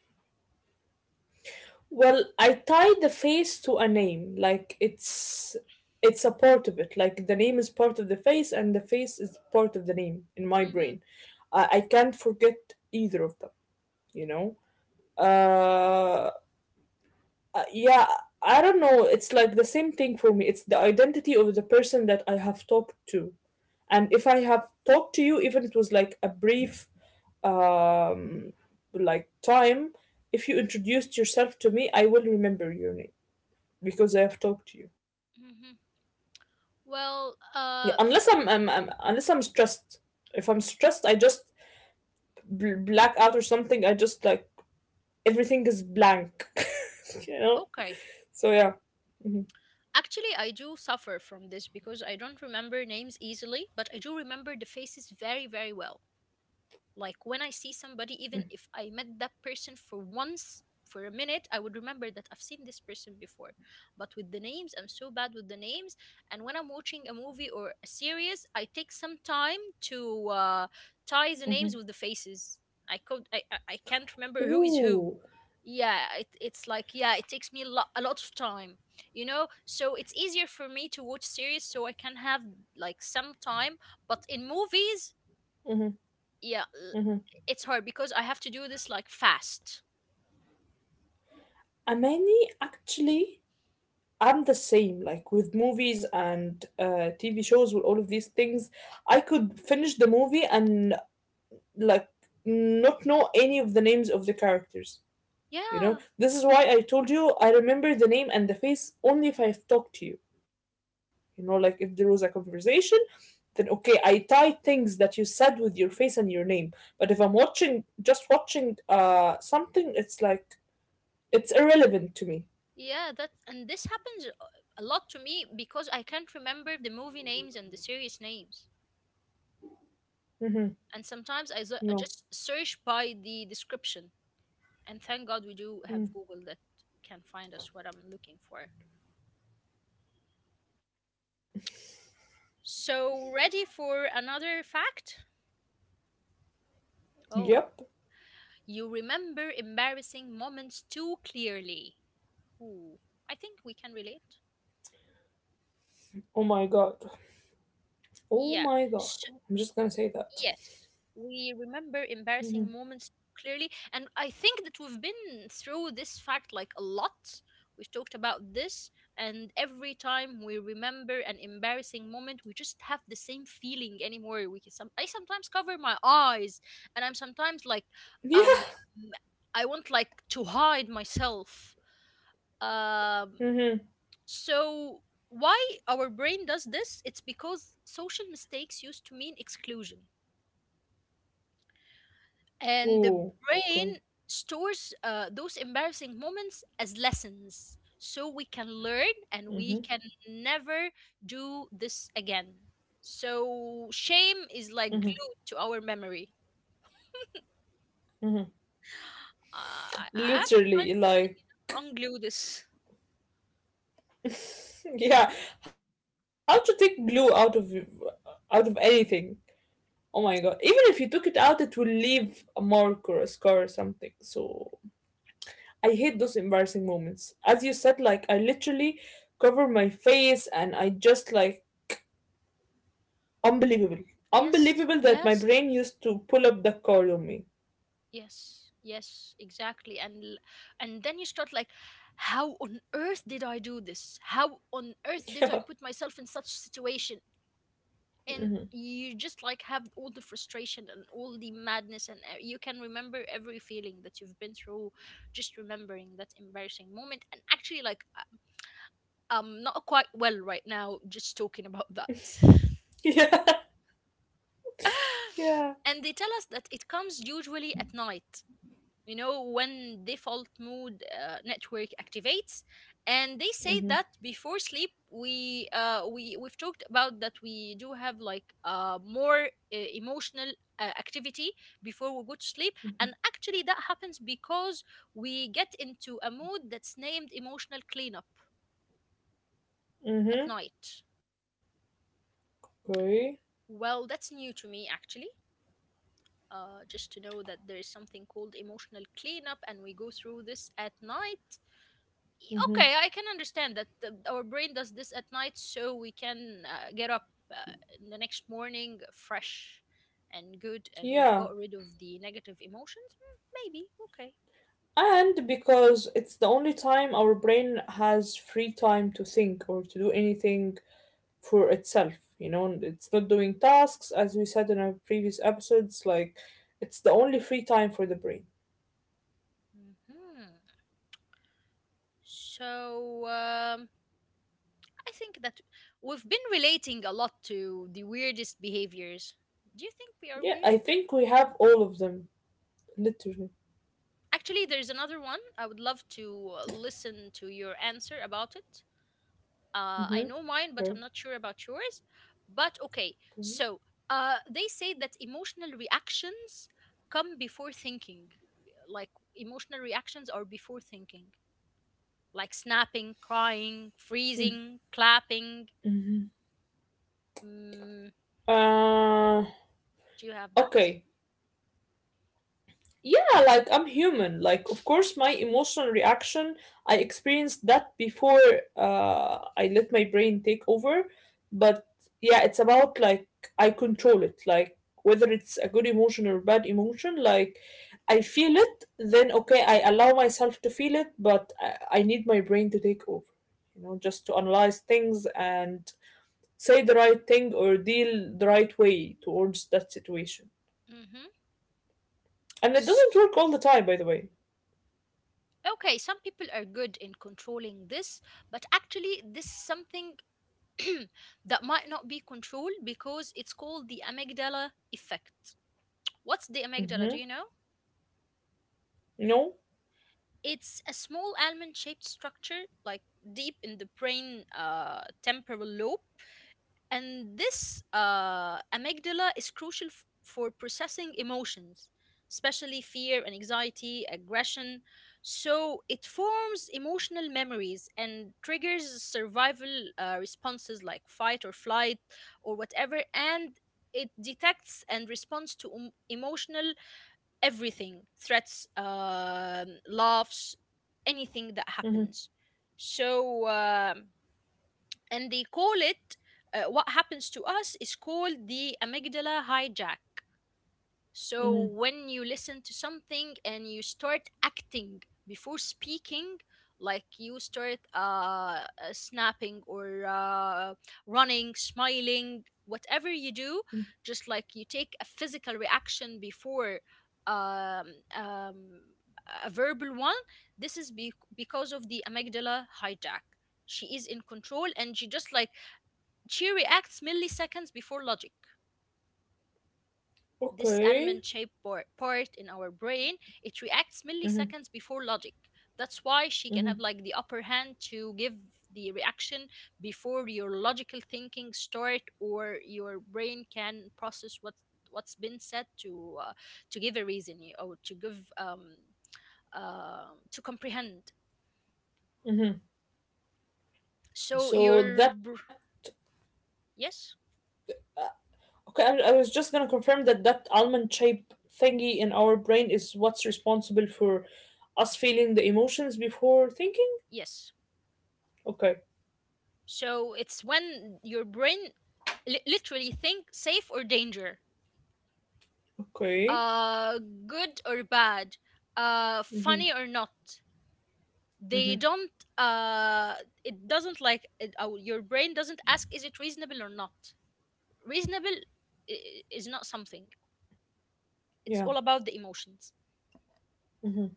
Speaker 2: Well, I tie the face to a name. Like it's it's a part of it. Like the name is part of the face, and the face is part of the name in my
Speaker 1: Mm-hmm,
Speaker 2: brain. I, I can't forget either of them. You know. Uh, Uh, yeah, I don't know. It's like the same thing for me. It's the identity of the person that I have talked to. And if I have talked to you, even it was like a brief um like time, if you introduced yourself to me, I will remember your name because I have talked to you.
Speaker 1: mm-hmm.
Speaker 2: Yeah,
Speaker 1: Well,
Speaker 2: unless I'm,
Speaker 1: uh,
Speaker 2: I'm,
Speaker 1: f-
Speaker 2: I'm unless I'm stressed. If I'm stressed, I just bl- black out or something. I just like everything is blank, you know.
Speaker 1: okay.
Speaker 2: So yeah. Mhm.
Speaker 1: Actually, I do suffer from this because I don't remember names easily, but I do remember the faces very, very well. Like when I see somebody, even if I met that person for once for a minute, I would remember that I've seen this person before. But with the names, I'm so bad with the names. And when I'm watching a movie or a series, I take some time to, uh, tie the names with the faces. I could, I, I I can't remember who is who.
Speaker 2: Ooh.
Speaker 1: Yeah, it, it's like, yeah, it takes me a lot, a lot of time, you know. So it's easier for me to watch series, so I can have like some time. But in movies, yeah,
Speaker 2: Mm-hmm.
Speaker 1: it's hard because I have to do this like fast.
Speaker 2: Amani, actually, I'm the same. Like with movies and uh, T V shows, with all of these things, I could finish the movie and like not know any of the names of the characters. You know,
Speaker 1: Yeah,
Speaker 2: this is why I told you I remember the name and the face only if I've talked to you. You know, like if there was a conversation, then okay, I tie things that you said with your face and your name. But if I'm watching, just watching uh, something, it's like it's irrelevant to me.
Speaker 1: yeah, that, and this happens, uh, a lot to me because I can't remember the movie names and the series names.
Speaker 2: Hmm.
Speaker 1: And sometimes I, s- I
Speaker 2: Yeah.
Speaker 1: just search by the description. And thank God we do have Google that can find us what I'm looking for. So, ready for another fact? Oh,
Speaker 2: Yep.
Speaker 1: you remember embarrassing moments too clearly. Ooh, I think we can relate.
Speaker 2: Oh my god. Oh
Speaker 1: Yeah.
Speaker 2: my god. I'm just gonna say that.
Speaker 1: Yes, we remember embarrassing
Speaker 2: Hmm.
Speaker 1: moments clearly, and I think that we've been through this fact like a lot. We've talked about this, and every time we remember an embarrassing moment, we just have the same feeling anymore. We can some, I sometimes cover my eyes, and I'm sometimes like, um,
Speaker 2: Yeah.
Speaker 1: I want like to hide myself. Um,
Speaker 2: Mm-hmm.
Speaker 1: so why our brain does this? It's because social mistakes used to mean exclusion, and the
Speaker 2: Ooh. Okay.
Speaker 1: brain stores uh, those embarrassing moments as lessons, so we can learn and we can never do this again. So shame is like glued to our memory. Uh, i I have to find
Speaker 2: Literally,
Speaker 1: some
Speaker 2: like,
Speaker 1: unglue this.
Speaker 2: yeah. How to take glue out of out of anything? Oh my god. Even if you took it out, it will leave a mark or a scar or something. So I hate those embarrassing moments. As you said, like I literally cover my face and I just like unbelievable.
Speaker 1: yes
Speaker 2: Unbelievable that my
Speaker 1: yes
Speaker 2: brain used to pull up the card on me.
Speaker 1: yes yes Exactly. And l- and then you start like, how on earth did I do this? How on earth did I put
Speaker 2: Yeah.
Speaker 1: myself in such situation? And you just like have all the frustration and all the madness, and uh, you can remember every feeling that you've been through just remembering that embarrassing moment. And actually like I- I'm not quite well right now just talking about that.
Speaker 2: Yeah, yeah.
Speaker 1: And they tell us that it comes usually at night, you know, when default mode uh, network activates. And they say
Speaker 2: Mm-hmm.
Speaker 1: that before sleep we uh, we we've talked about that. We do have like uh, more uh, emotional uh, activity before we go to sleep. And actually that happens because we get into a mood that's named emotional cleanup at
Speaker 2: Mm-hmm.
Speaker 1: night.
Speaker 2: Okay.
Speaker 1: Well, that's new to me actually. Uh, just to know that there is something called emotional cleanup and we go through this at night.
Speaker 2: Mm-hmm.
Speaker 1: Okay, I can understand that the, our brain does this at night so we can uh, get up uh, in the next morning fresh and good, and we've
Speaker 2: Yeah.
Speaker 1: got rid of the negative emotions. Mm, maybe. Okay.
Speaker 2: And because it's the only time our brain has free time to think or to do anything for itself, you know, and it's not doing tasks, as we said in our previous episodes, like it's the only free time for the brain.
Speaker 1: Hmm. So um, I think that we've been relating a lot to the weirdest behaviors. Do you think we are
Speaker 2: Yeah, I
Speaker 1: weird?
Speaker 2: think we have all of them, literally.
Speaker 1: Actually, there's another one I would love to uh, listen to your answer about it. Uh, I
Speaker 2: Mm-hmm.
Speaker 1: know mine, but
Speaker 2: Okay.
Speaker 1: I'm not sure about yours. But okay,
Speaker 2: Okay.
Speaker 1: so uh, they say that emotional reactions come before thinking. Like emotional reactions are before thinking, like snapping, crying, freezing, clapping.
Speaker 2: Mm-hmm.
Speaker 1: Mm,
Speaker 2: Uh,
Speaker 1: do you have that?
Speaker 2: okay. Yeah, like I'm human. Like, of course, my emotional reaction, I experienced that before uh, I let my brain take over. But yeah, it's about like I control it. Like, whether it's a good emotion or bad emotion, like I feel it, then okay, I allow myself to feel it, but I, I need my brain to take over, you know, just to analyze things and say the right thing or deal the right way towards that situation.
Speaker 1: Mm-hmm.
Speaker 2: And it doesn't
Speaker 1: S-
Speaker 2: work all the time, by the way.
Speaker 1: Okay, some people are good in controlling this, but actually, this is something that might not be controlled because it's called the amygdala effect. What's the amygdala?
Speaker 2: Mm-hmm.
Speaker 1: Do you know?
Speaker 2: No.
Speaker 1: It's a small almond shaped structure, like deep in the brain uh, temporal lobe. And this uh, amygdala is crucial f- for processing emotions, especially fear and anxiety, aggression. So it forms emotional memories and triggers survival uh, responses like fight or flight or whatever. And it detects and responds to em- emotional everything, threats, um, laughs, anything that happens.
Speaker 2: Mhm,
Speaker 1: So um, and they call it uh, what happens to us is called the amygdala hijack. So
Speaker 2: mhm,
Speaker 1: when you listen to something and you start acting before speaking, like you start uh, uh, snapping or uh, running, smiling, whatever you do,
Speaker 2: mm.
Speaker 1: just like you take a physical reaction before um, um, a verbal one, this is be- because of the amygdala hijack. She is in control and she just like she reacts milliseconds before logic. This almond
Speaker 2: Okay.
Speaker 1: shaped por- part in our brain, it reacts
Speaker 2: Mhm,
Speaker 1: milliseconds before logic. That's why she can have
Speaker 2: mhm.
Speaker 1: like the upper hand to give the reaction before your logical thinking start or your brain can process what what's been said to uh, to give a reason or to give um, uh, to comprehend. So
Speaker 2: So
Speaker 1: your
Speaker 2: that
Speaker 1: br- yes,
Speaker 2: Okay, I, I was just gonna confirm that that almond shape thingy in our brain is what's responsible for us feeling the emotions before thinking.
Speaker 1: yes.
Speaker 2: Okay.
Speaker 1: So it's when your brain li- literally think safe or danger,
Speaker 2: Okay.
Speaker 1: uh, good or bad, uh,
Speaker 2: Mhm,
Speaker 1: funny or not. They
Speaker 2: mhm.
Speaker 1: don't. Uh, it doesn't like it, uh, your brain doesn't ask, is it reasonable or not? Reasonable i- i- is not something. It's
Speaker 2: Yeah.
Speaker 1: all about the emotions.
Speaker 2: Mhm.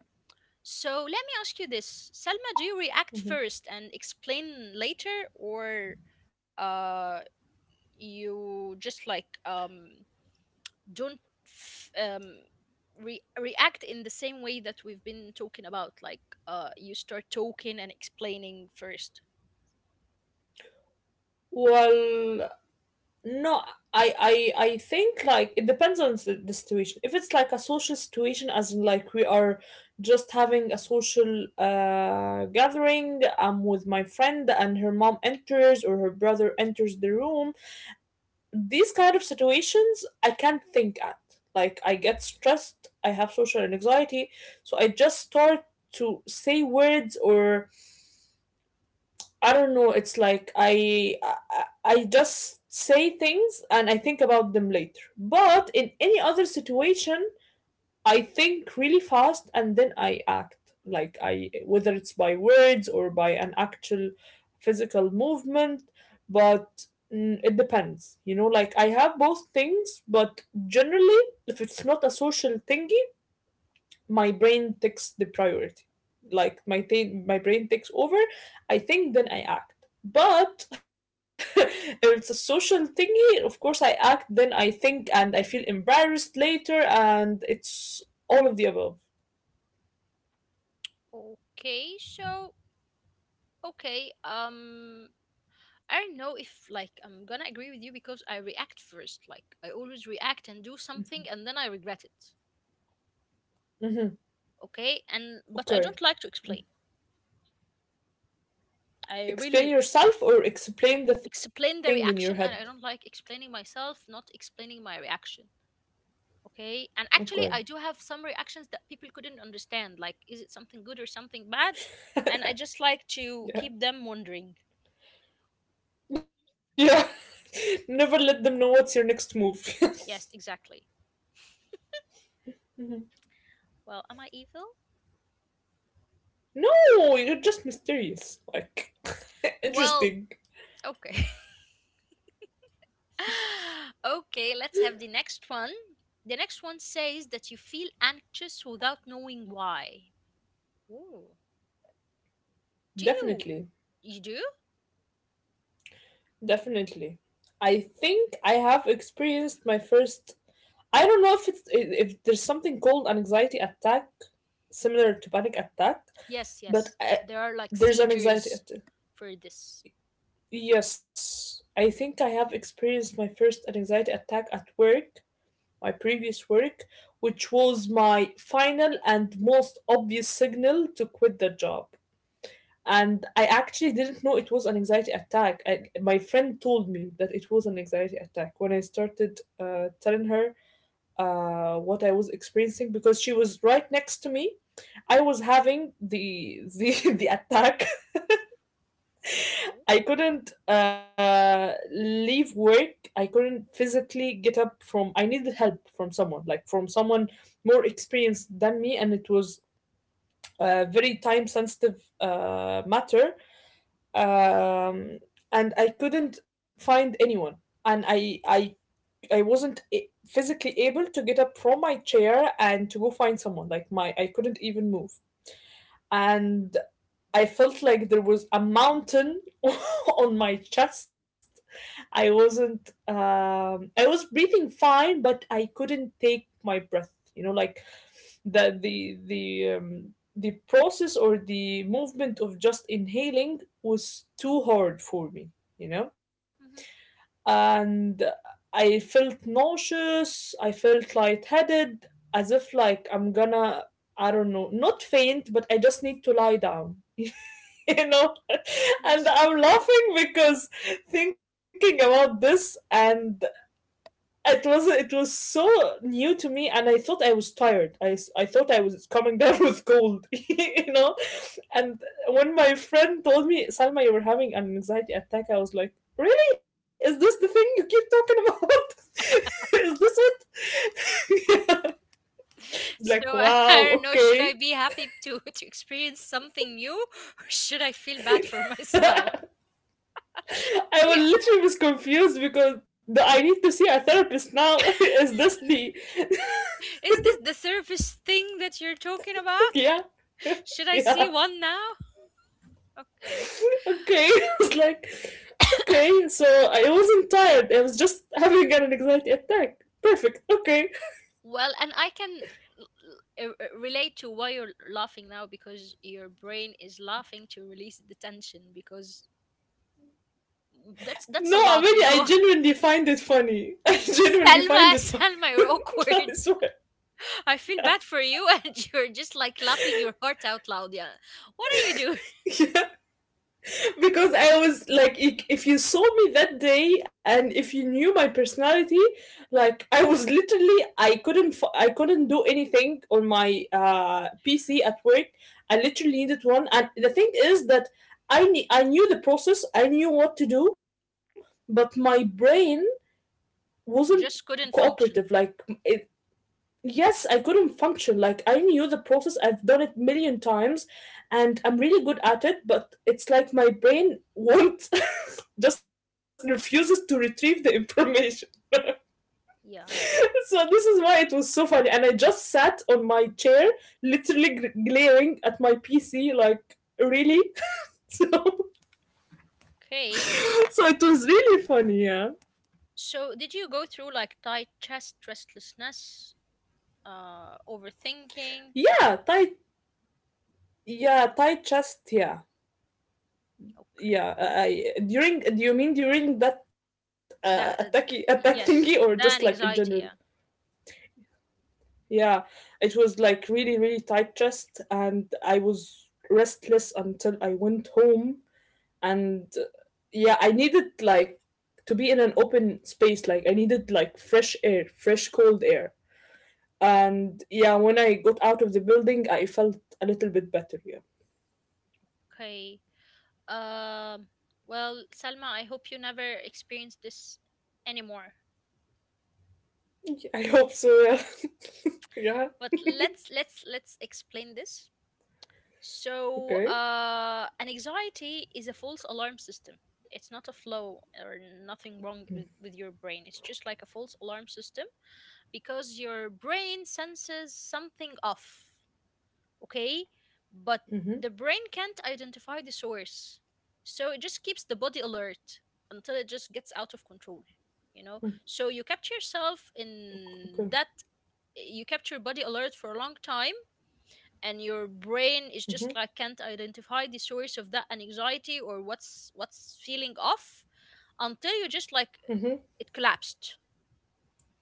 Speaker 1: So let me ask you this, Selma: do you react first and explain later, or uh, you just like um don't f- um, re- react in the same way that we've been talking about. Like uh, you start talking and explaining first.
Speaker 2: Well, No, I, I I think like it depends on s- the situation. If it's like a social situation, as in like we are just having a social uh gathering, I'm with my friend and her mom enters or her brother enters the room. These kind of situations I can't think at. Like I get stressed, I have social anxiety, so I just start to say words or I don't know. It's like I, I I just say things and I think about them later. But in any other situation, I think really fast and then I act. Like I whether it's by words or by an actual physical movement, but mm, it depends. You know, like I have both things, but generally if it's not a social thingy, my brain takes the priority. Like my ta- my brain takes over. I think then I act. But if it's a social thingy, of course, I act then I think and I feel embarrassed later. And it's all of the above.
Speaker 1: Okay, so okay, um, I don't know if like I'm gonna agree with you because I react first. Like I always react and do something and then I regret it.
Speaker 2: Hmm.
Speaker 1: Okay, and but I
Speaker 2: Okay.
Speaker 1: don't like to explain. I
Speaker 2: Explain
Speaker 1: really
Speaker 2: yourself or explain the thing in your
Speaker 1: explain the
Speaker 2: head?
Speaker 1: reaction, and I don't like explaining myself, not explaining my reaction. Okay, and actually I
Speaker 2: Okay.
Speaker 1: do have some reactions that people couldn't understand, like is it something good or something bad, and I just like to keep them
Speaker 2: Yeah,
Speaker 1: wondering.
Speaker 2: yeah. Never let them know what's your next move.
Speaker 1: Yes, exactly. Well, am I evil?
Speaker 2: No, you're just mysterious, like,
Speaker 1: Well,
Speaker 2: interesting.
Speaker 1: okay. Okay, let's have the next one. The next one says that you feel anxious without knowing why. Ooh. Do you?
Speaker 2: Definitely.
Speaker 1: You do.
Speaker 2: Definitely. I think I have experienced my first. I don't know if it's if there's something called an anxiety attack similar to panic attack,
Speaker 1: Yes yes
Speaker 2: but I,
Speaker 1: There are like
Speaker 2: there's an
Speaker 1: seizures
Speaker 2: anxiety attack.
Speaker 1: for this.
Speaker 2: Yes, I think I have experienced my first anxiety attack at work, my previous work, which was my final and most obvious signal to quit the job. And I actually didn't know it was an anxiety attack. I, my friend told me that it was an anxiety attack when I started uh, telling her uh, what I was experiencing because she was right next to me. I was having the the the attack.
Speaker 1: Okay.
Speaker 2: I couldn't uh, leave work. I couldn't physically get up from. I needed help from someone, like from someone more experienced than me, and it was a very time sensitive uh, matter. um, and I couldn't find anyone, and I I I wasn't a- physically able to get up from my chair and to go find someone. Like my I couldn't even move, and I felt like there was a mountain on my chest. I wasn't. Um, I was breathing fine, but I couldn't take my breath. You know, like the the the um, the process or the movement of just inhaling was too hard for me, you know?
Speaker 1: Hmm.
Speaker 2: And I felt nauseous, I felt lightheaded, as if like I'm gonna, I don't know, not faint, but I just need to lie down, you know?
Speaker 1: Yes.
Speaker 2: And I'm laughing because thinking about this and it was it was so new to me and I thought I was tired. I I thought I was coming down with cold, you know. And when my friend told me, Salma, you were having an anxiety attack, I was like, really? Is this the thing you keep talking about? Is this it?
Speaker 1: So
Speaker 2: Like,
Speaker 1: I, I
Speaker 2: wow.
Speaker 1: don't know, should I
Speaker 2: Okay.
Speaker 1: be happy to to experience something new or should I feel bad for myself?
Speaker 2: I was literally was confused because the, I need to see a therapist now. Is this the,
Speaker 1: Yeah. Is this the service thing that you're talking about?
Speaker 2: yeah,
Speaker 1: Should I see
Speaker 2: yeah.
Speaker 1: one now? Okay.
Speaker 2: Okay. It's like, okay. So I wasn't tired. I was just having an anxiety attack. Perfect. Okay.
Speaker 1: Well, and I can l- l- uh, uh, relate to why you're laughing now, because your brain is laughing to release the tension because that's that's a
Speaker 2: No, I
Speaker 1: lot, you
Speaker 2: mean, I
Speaker 1: know.
Speaker 2: genuinely find it funny. I genuinely
Speaker 1: Selma,
Speaker 2: find it funny.
Speaker 1: Selma, you're
Speaker 2: I
Speaker 1: awkward.
Speaker 2: swear.
Speaker 1: I feel bad for you, and you're just like laughing your heart out loud. Yeah. What are you doing?
Speaker 2: Yeah. Because I was like, i- if you saw me that day and if you knew my personality, like I was literally, I couldn't, I I couldn't do anything on my uh, P C at work. I literally needed one, and the thing is that I knew, I knew the process, I knew what to do, but my brain wasn't
Speaker 1: You just couldn't
Speaker 2: cooperative. Like
Speaker 1: function.
Speaker 2: it, yes, I couldn't function. Like I knew the process. I've done it million times and I'm really good at it, but it's like my brain won't, just refuses to retrieve the information.
Speaker 1: Yeah.
Speaker 2: So this is why it was so funny. And I just sat on my chair, literally gr- glaring at my P C like, really. so
Speaker 1: Okay.
Speaker 2: so it was really funny, yeah.
Speaker 1: So, did you go through like tight chest, restlessness, uh, overthinking?
Speaker 2: Yeah, tight, yeah, tight chest, yeah.
Speaker 1: Okay.
Speaker 2: Yeah, uh, I during do you mean during that uh, attacky
Speaker 1: That, uh,
Speaker 2: attack thingy or just
Speaker 1: yes,
Speaker 2: like in
Speaker 1: that and
Speaker 2: general?
Speaker 1: anxiety. Yeah.
Speaker 2: Yeah, it was like really really tight chest, and I was restless until I went home. And uh, yeah, I needed like to be in an open space. Like I needed like fresh air, fresh cold air. And yeah, when I got out of the building, I felt a little bit better. Yeah,
Speaker 1: Okay. Um, well, Salma, I hope you never experience this anymore.
Speaker 2: I hope so. Yeah, yeah.
Speaker 1: But let's let's let's explain this. So,
Speaker 2: Okay.
Speaker 1: uh, an anxiety is a false alarm system. It's not a flow or nothing wrong with, with your brain. It's just like a false alarm system because your brain senses something off, okay? But
Speaker 2: Mm-hmm.
Speaker 1: the brain can't identify the source. So it just keeps the body alert until it just gets out of control, you know? So you kept yourself
Speaker 2: Okay.
Speaker 1: in that, you kept your body alert for a long time, and your brain is
Speaker 2: Mm-hmm.
Speaker 1: just like can't identify the source of that anxiety or what's what's feeling off until you just like
Speaker 2: Mm-hmm.
Speaker 1: it collapsed,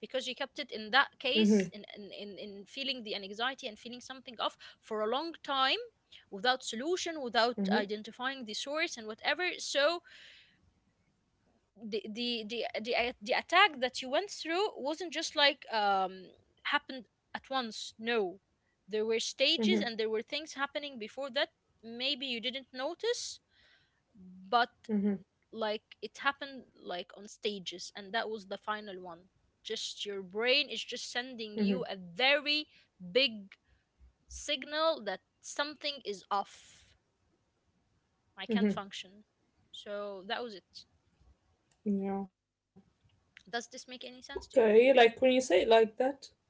Speaker 1: because you kept it in that case in in, in, in feeling the anxiety and feeling something off for a long time without solution, without identifying the source and whatever. So the the the the, a- the attack that you went through wasn't just like um happened at once. No, there were stages
Speaker 2: Mm-hmm.
Speaker 1: and there were things happening before that, maybe you didn't notice, but
Speaker 2: Mm-hmm.
Speaker 1: like it happened like on stages, and that was the final one. Just your brain is just
Speaker 2: Mm-hmm.
Speaker 1: sending you a very big signal that something is off, I can't
Speaker 2: Mm-hmm.
Speaker 1: function. So that was it.
Speaker 2: Yeah.
Speaker 1: Does this make any sense
Speaker 2: Okay.
Speaker 1: to you?
Speaker 2: Like when you say it like that.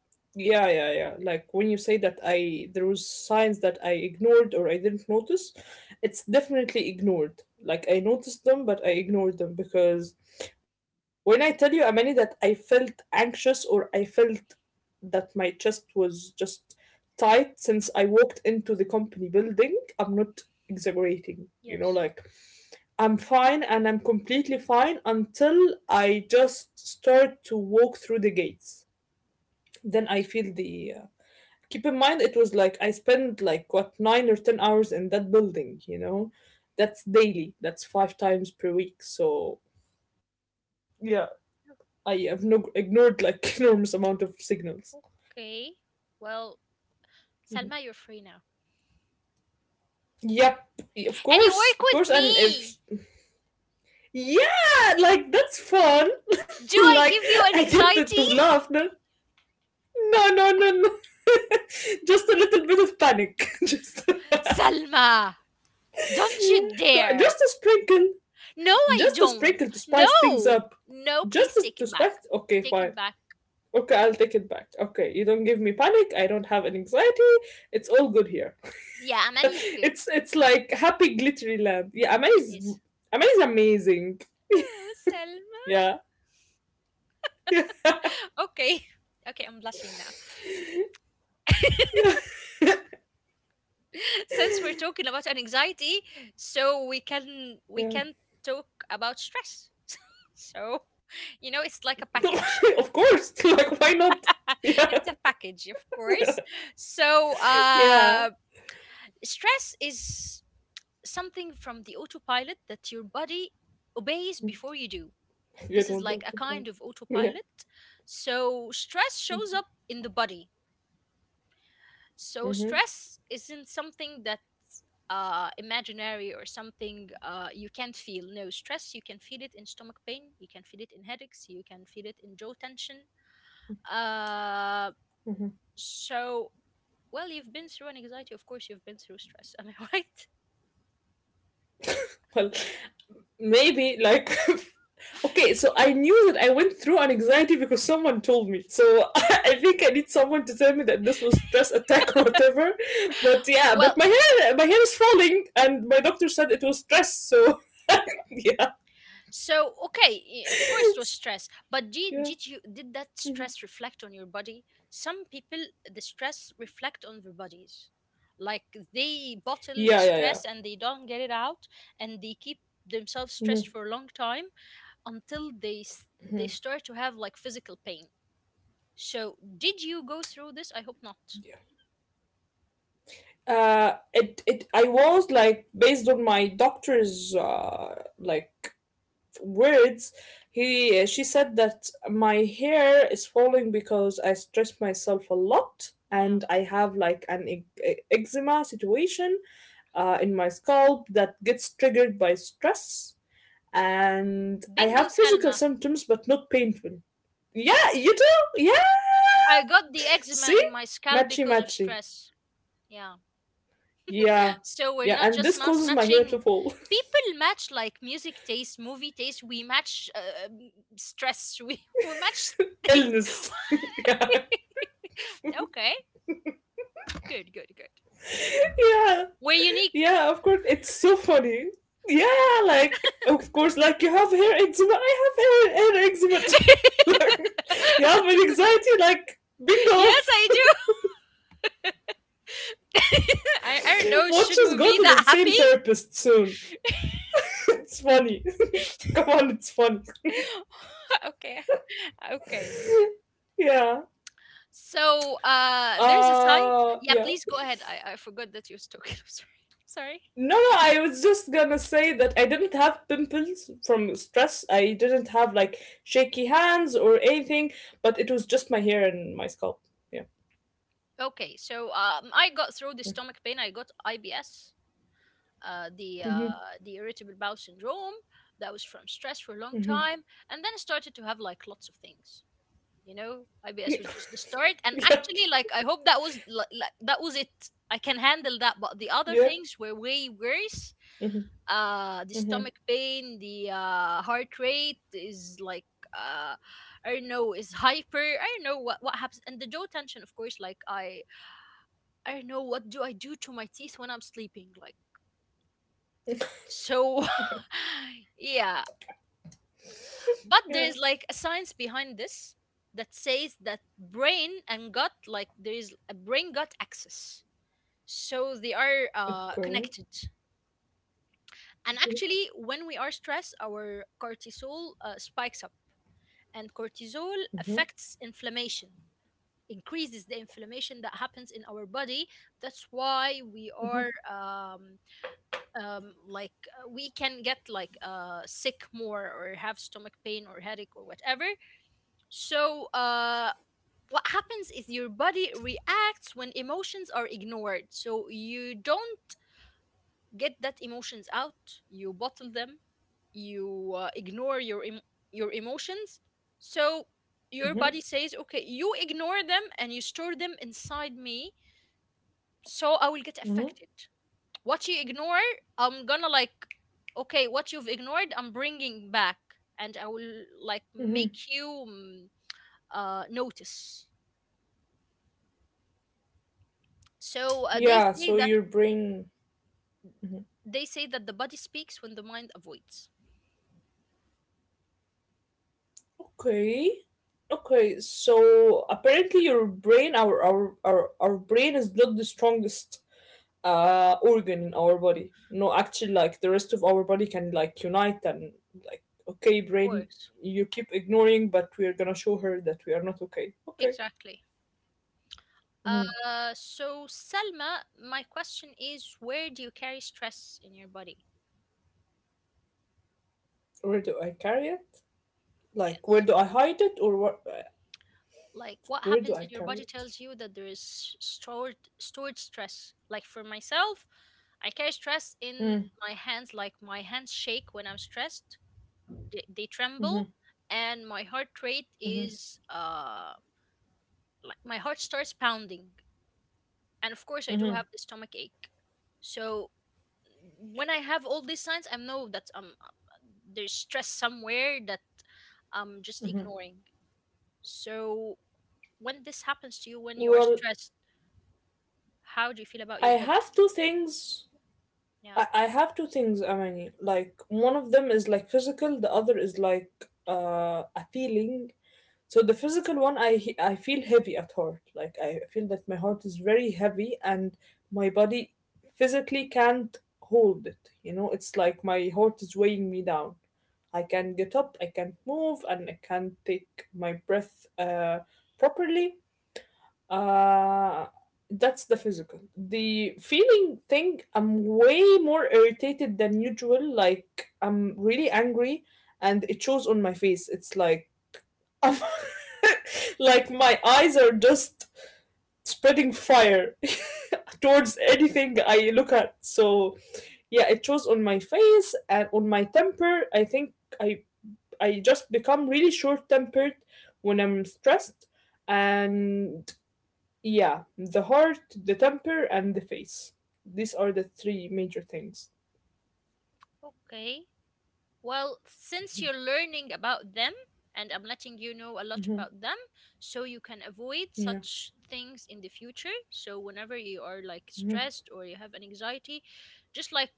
Speaker 2: Yeah, yeah, yeah. Like when you say that, I there was signs that I ignored or I didn't notice, it's definitely ignored. Like I noticed them, but I ignored them because when I tell you, Amani, that I felt anxious or I felt that my chest was just tight since I walked into the company building, I'm not exaggerating. You know,
Speaker 1: yes
Speaker 2: like I'm fine and I'm completely fine until I just start to walk through the gates. Then I
Speaker 1: yes
Speaker 2: feel the. Uh, keep in mind, it was like I spent like what nine or ten hours in that building. You know, that's daily. That's five times per week. So yeah, I have no ignored like enormous amount of signals.
Speaker 1: Okay. Well, Salma,
Speaker 2: Mhm.
Speaker 1: you're free now.
Speaker 2: Yep, of
Speaker 1: And you
Speaker 2: course,
Speaker 1: work
Speaker 2: of
Speaker 1: with
Speaker 2: course, and if
Speaker 1: me.
Speaker 2: yeah, like that's fun.
Speaker 1: Do I
Speaker 2: Like
Speaker 1: give you
Speaker 2: I
Speaker 1: an
Speaker 2: get to,
Speaker 1: anxiety?
Speaker 2: to laugh, no? No, no, no, no. Just a little bit of panic. just,
Speaker 1: Salma, don't you dare.
Speaker 2: just a sprinkle.
Speaker 1: No, I
Speaker 2: Just a
Speaker 1: don't.
Speaker 2: sprinkle to spice things
Speaker 1: No.
Speaker 2: up.
Speaker 1: No,
Speaker 2: Just
Speaker 1: please
Speaker 2: to,
Speaker 1: take
Speaker 2: to
Speaker 1: it
Speaker 2: spice.
Speaker 1: back.
Speaker 2: Okay,
Speaker 1: Take it
Speaker 2: fine.
Speaker 1: back.
Speaker 2: Okay, I'll take it back. Okay, you don't give me panic. I don't have an anxiety. It's all good here.
Speaker 1: Yeah, Amani is good.
Speaker 2: it's it's like happy glittery land. Yeah,
Speaker 1: It
Speaker 2: amaze,
Speaker 1: is.
Speaker 2: amaze, amazing.
Speaker 1: Oh, Salma.
Speaker 2: Yeah, yeah,
Speaker 1: Okay. Okay, I'm blushing now.
Speaker 2: yeah,
Speaker 1: Since we're talking about an anxiety, so we can we can
Speaker 2: yeah.
Speaker 1: talk about stress. So, you know, it's like a package.
Speaker 2: Of course. Like, why not? Yeah,
Speaker 1: It's a package, of course. So, uh,
Speaker 2: yeah.
Speaker 1: stress is something from the autopilot that your body obeys before you do.
Speaker 2: You
Speaker 1: This is
Speaker 2: don't
Speaker 1: like
Speaker 2: want
Speaker 1: a
Speaker 2: to buy
Speaker 1: kind
Speaker 2: it.
Speaker 1: of
Speaker 2: Yeah.
Speaker 1: autopilot. So, stress shows up in the body. So,
Speaker 2: Mm-hmm.
Speaker 1: stress isn't something that uh, imaginary or something uh, you can't feel. No, stress, you can feel it in stomach pain, you can feel it in headaches, you can feel it in jaw tension. Uh, so, well, you've been through an anxiety, of course, you've been through stress. Am I right?
Speaker 2: Well, maybe like okay, so I knew that I went through an anxiety because someone told me so. I think I need someone to tell me that this was stress attack or whatever. But yeah,
Speaker 1: Well,
Speaker 2: but my hair, my hair is falling and my doctor said it was stress, so yeah,
Speaker 1: so okay, y- of course it was stress, but did
Speaker 2: yeah,
Speaker 1: did you, did that stress reflect on your body? Some people, the stress reflect on their bodies. Like they bottle the
Speaker 2: yeah, yeah, yeah.
Speaker 1: stress and they don't get it out and they keep themselves stressed
Speaker 2: Mhm.
Speaker 1: for a long time until they s- they start to have like physical pain. So, did you go through this? I hope not.
Speaker 2: Yeah. uh it it I was like based on my doctor's uh like words, he she said that my hair is falling because I stress myself a lot
Speaker 1: Yeah.
Speaker 2: and I have like an e- e- eczema situation uh, in my scalp that gets triggered by stress and I
Speaker 1: Bingo,
Speaker 2: have physical
Speaker 1: Salma.
Speaker 2: symptoms but not painful. Yeah, you do. Yeah.
Speaker 1: I got the eczema
Speaker 2: See?
Speaker 1: in my scalp
Speaker 2: Matchy
Speaker 1: because of
Speaker 2: matchy.
Speaker 1: stress. Yeah.
Speaker 2: Yeah.
Speaker 1: So we're
Speaker 2: Yeah,
Speaker 1: not
Speaker 2: and
Speaker 1: just
Speaker 2: this
Speaker 1: mas-
Speaker 2: causes my hair to
Speaker 1: matching.
Speaker 2: fall.
Speaker 1: People match like music taste, movie taste. We match uh, um, stress. We we match
Speaker 2: Illness.
Speaker 1: things.
Speaker 2: Yeah.
Speaker 1: Okay. Good. Good. Good.
Speaker 2: Yeah.
Speaker 1: We're
Speaker 2: Yeah,
Speaker 1: unique.
Speaker 2: of course. It's so funny. Yeah, like, of course, like, you have hair eczema. I have hair, hair eczema too. You have an anxiety, like, bingo.
Speaker 1: Yes, I do. I, I don't know.
Speaker 2: We'll
Speaker 1: Should
Speaker 2: just
Speaker 1: we
Speaker 2: go
Speaker 1: be
Speaker 2: to the
Speaker 1: that
Speaker 2: same
Speaker 1: happy?
Speaker 2: therapist soon. It's funny. Come on, it's funny.
Speaker 1: Okay. Okay.
Speaker 2: Yeah.
Speaker 1: So uh, there's a science.
Speaker 2: Uh,
Speaker 1: Yeah,
Speaker 2: yeah.
Speaker 1: please go ahead. I, I forgot that you was talking. I'm sorry. Sorry.
Speaker 2: No, no, I was just gonna say that I didn't have pimples from stress. I didn't have, like, shaky hands or anything, but it was just my hair and my scalp. Yeah.
Speaker 1: Okay, so um, I got through the stomach pain. I got I B S, uh, the uh, the irritable bowel syndrome. That was from stress for a long time, and then I started to have like lots of things. You know, I B S
Speaker 2: Yeah.
Speaker 1: was just the start, and
Speaker 2: Yeah.
Speaker 1: actually, like I hope that was li- li- that was it. I can handle that, but the other
Speaker 2: Yeah.
Speaker 1: things were way worse. Uh the
Speaker 2: Mm-hmm.
Speaker 1: stomach pain, the uh heart rate is like, uh I don't know, is hyper, I don't know what what happens, and the jaw tension, of course. Like, I I don't know, what do I do to my teeth when I'm sleeping? Like, so
Speaker 2: Yeah.
Speaker 1: yeah, but
Speaker 2: Yeah.
Speaker 1: there's like a science behind this that says that brain and gut, like there is a brain gut axis, so they are uh,
Speaker 2: Okay.
Speaker 1: connected. And actually, when we are stressed, our cortisol uh, spikes up, and cortisol affects inflammation, increases the inflammation that happens in our body. That's why we are um, um, like, uh, we can get like uh, sick more, or have stomach pain or headache or whatever. So uh, what happens is your body reacts when emotions are ignored. So you don't get that emotions out, you bottle them, you uh, ignore your em- your emotions. So your
Speaker 2: Mm-hmm.
Speaker 1: body says, okay, you ignore them and you store them inside me, so I will get
Speaker 2: Mm-hmm.
Speaker 1: affected. What you ignore, I'm gonna like, okay, what you've ignored I'm bringing back, and I will like
Speaker 2: Mm-hmm.
Speaker 1: make you mm, uh, notice. So uh, they
Speaker 2: Yeah.
Speaker 1: say
Speaker 2: So
Speaker 1: that,
Speaker 2: your brain.
Speaker 1: they say that the body speaks when the mind avoids.
Speaker 2: Okay. Okay. So apparently your brain, our our our, our brain is not the strongest uh organ in our body. No, actually, like the rest of our body can like unite and like, okay,
Speaker 1: Of
Speaker 2: brain,
Speaker 1: course.
Speaker 2: you keep ignoring, but we are gonna show her that we are not okay. Okay.
Speaker 1: Exactly.
Speaker 2: Mm-hmm.
Speaker 1: Uh, so Selma, my question is, where do you carry stress in your body?
Speaker 2: Where do I carry it? Like, where
Speaker 1: Yes.
Speaker 2: do I hide it or where,
Speaker 1: Like, what
Speaker 2: where do
Speaker 1: happens
Speaker 2: I
Speaker 1: in your
Speaker 2: carry
Speaker 1: body
Speaker 2: it?
Speaker 1: tells you that there is stored stored stress. Like for myself, I carry stress in
Speaker 2: Mm,
Speaker 1: my hands. Like, my hands shake when I'm stressed; they, they tremble,
Speaker 2: mhm,
Speaker 1: and my heart rate
Speaker 2: mhm,
Speaker 1: is uh like, my heart starts pounding. And of course, I do
Speaker 2: mhm.
Speaker 1: have the stomach ache. So when I have all these signs, I know that um there's stress somewhere that I'm just ignoring. So when this happens to you, when you are
Speaker 2: Well,
Speaker 1: stressed, how do you feel about
Speaker 2: I
Speaker 1: your body?
Speaker 2: have two things.
Speaker 1: Yeah.
Speaker 2: I, I have two things, Amani. Like, one of them is like physical, the other is like uh, a feeling. So, the physical one, I, he- I feel heavy at heart. Like, I feel that my heart is very heavy and my body physically can't hold it. You know, it's like my heart is weighing me down. I can get up, I can move, and I can take my breath uh, properly. Uh, that's the physical. The feeling thing, I'm way more irritated than usual. Like, I'm really angry, and it shows on my face. It's like, I'm, like my eyes are just spreading fire towards anything I look at. So, yeah, it shows on my face and on my temper. I think I I just become really short tempered when I'm stressed. And yeah, the heart, the temper, and the face. These are the three major things.
Speaker 1: Okay. Well, since you're learning about them, and I'm letting you know a lot
Speaker 2: Hmm.
Speaker 1: about them, so you can avoid
Speaker 2: Yeah.
Speaker 1: such things in the future. So whenever you are like
Speaker 2: Hmm.
Speaker 1: stressed or you have an anxiety, just like,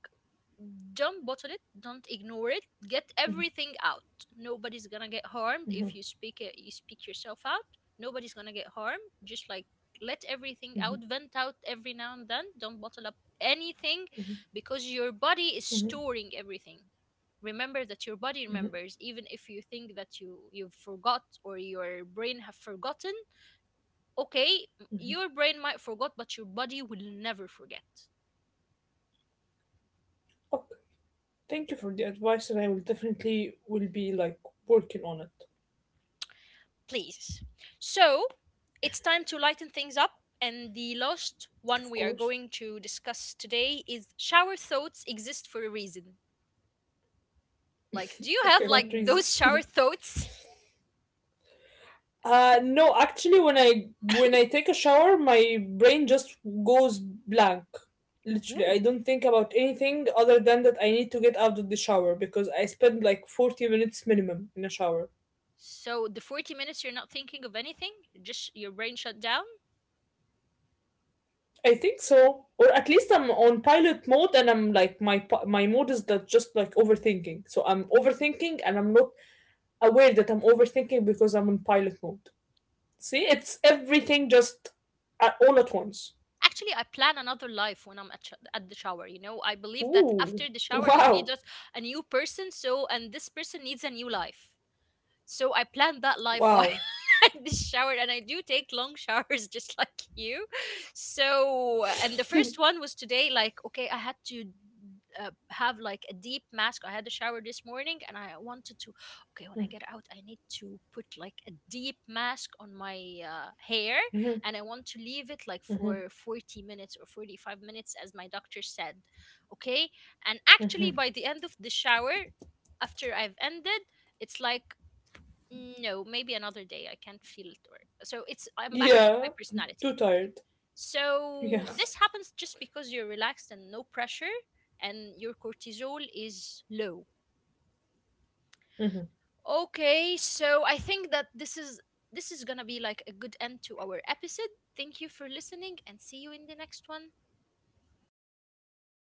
Speaker 1: don't bottle it, don't ignore it, get everything out. Nobody's gonna get harmed if you speak it, you speak yourself out. Nobody's gonna get harmed. Just like, let everything out,
Speaker 2: Hmm.
Speaker 1: vent out every now and then, don't bottle up anything, because your body is
Speaker 2: Hmm.
Speaker 1: storing everything. Remember that your body remembers, even if you think that you you've forgot or your brain have forgotten, okay?
Speaker 2: Hmm.
Speaker 1: Your brain might forgot, but your body will never forget.
Speaker 2: Okay. Thank you for the advice, and I will definitely will be like working on it.
Speaker 1: Please. So it's time to lighten things up. And the last one
Speaker 2: Of
Speaker 1: we are
Speaker 2: course.
Speaker 1: going to discuss today is shower thoughts exist for a reason. Like, do you
Speaker 2: Okay.
Speaker 1: have
Speaker 2: What
Speaker 1: like
Speaker 2: reason?
Speaker 1: those shower thoughts?
Speaker 2: Uh, no, actually, when I when I take a shower, my brain just goes blank. Literally, I
Speaker 1: Ooh.
Speaker 2: don't think about anything other than that I need to get out of the shower because I spend like forty minutes minimum in a shower.
Speaker 1: So the forty minutes you're not thinking of anything, just your brain shut down.
Speaker 2: I think so, or at least I'm on pilot mode and I'm like my pi- my mode is that just like overthinking. So I'm overthinking and I'm not aware that I'm overthinking because I'm on pilot mode. See, it's everything just at, all at once.
Speaker 1: Actually, I plan another life when I'm at, sh- at the shower. You know, I believe that after
Speaker 2: Ooh,
Speaker 1: the shower, I'll be
Speaker 2: wow,
Speaker 1: just a new person. So, and this person needs a new life. So I plan that life while
Speaker 2: wow.
Speaker 1: this shower, and I do take long showers just like you. So, and the first one was today, like, okay, I had to uh, have like a deep mask. I had a shower this morning and I wanted to, okay, when I get out I need to put like a deep mask on my uh, hair, and I want to leave it like for forty minutes or forty-five minutes as my doctor said. Okay? And actually by the end of the shower, after I've ended, it's like, no, maybe another day, I can't feel it. Or, so it's, I'm back to
Speaker 2: Yeah,
Speaker 1: my
Speaker 2: I'm too
Speaker 1: personality.
Speaker 2: tired. Yeah.
Speaker 1: So this happens just because you're relaxed and no pressure, and your cortisol is low. Okay, so I think that this is, this is gonna be like a good end to our episode. Thank you for listening, and see you in the next one.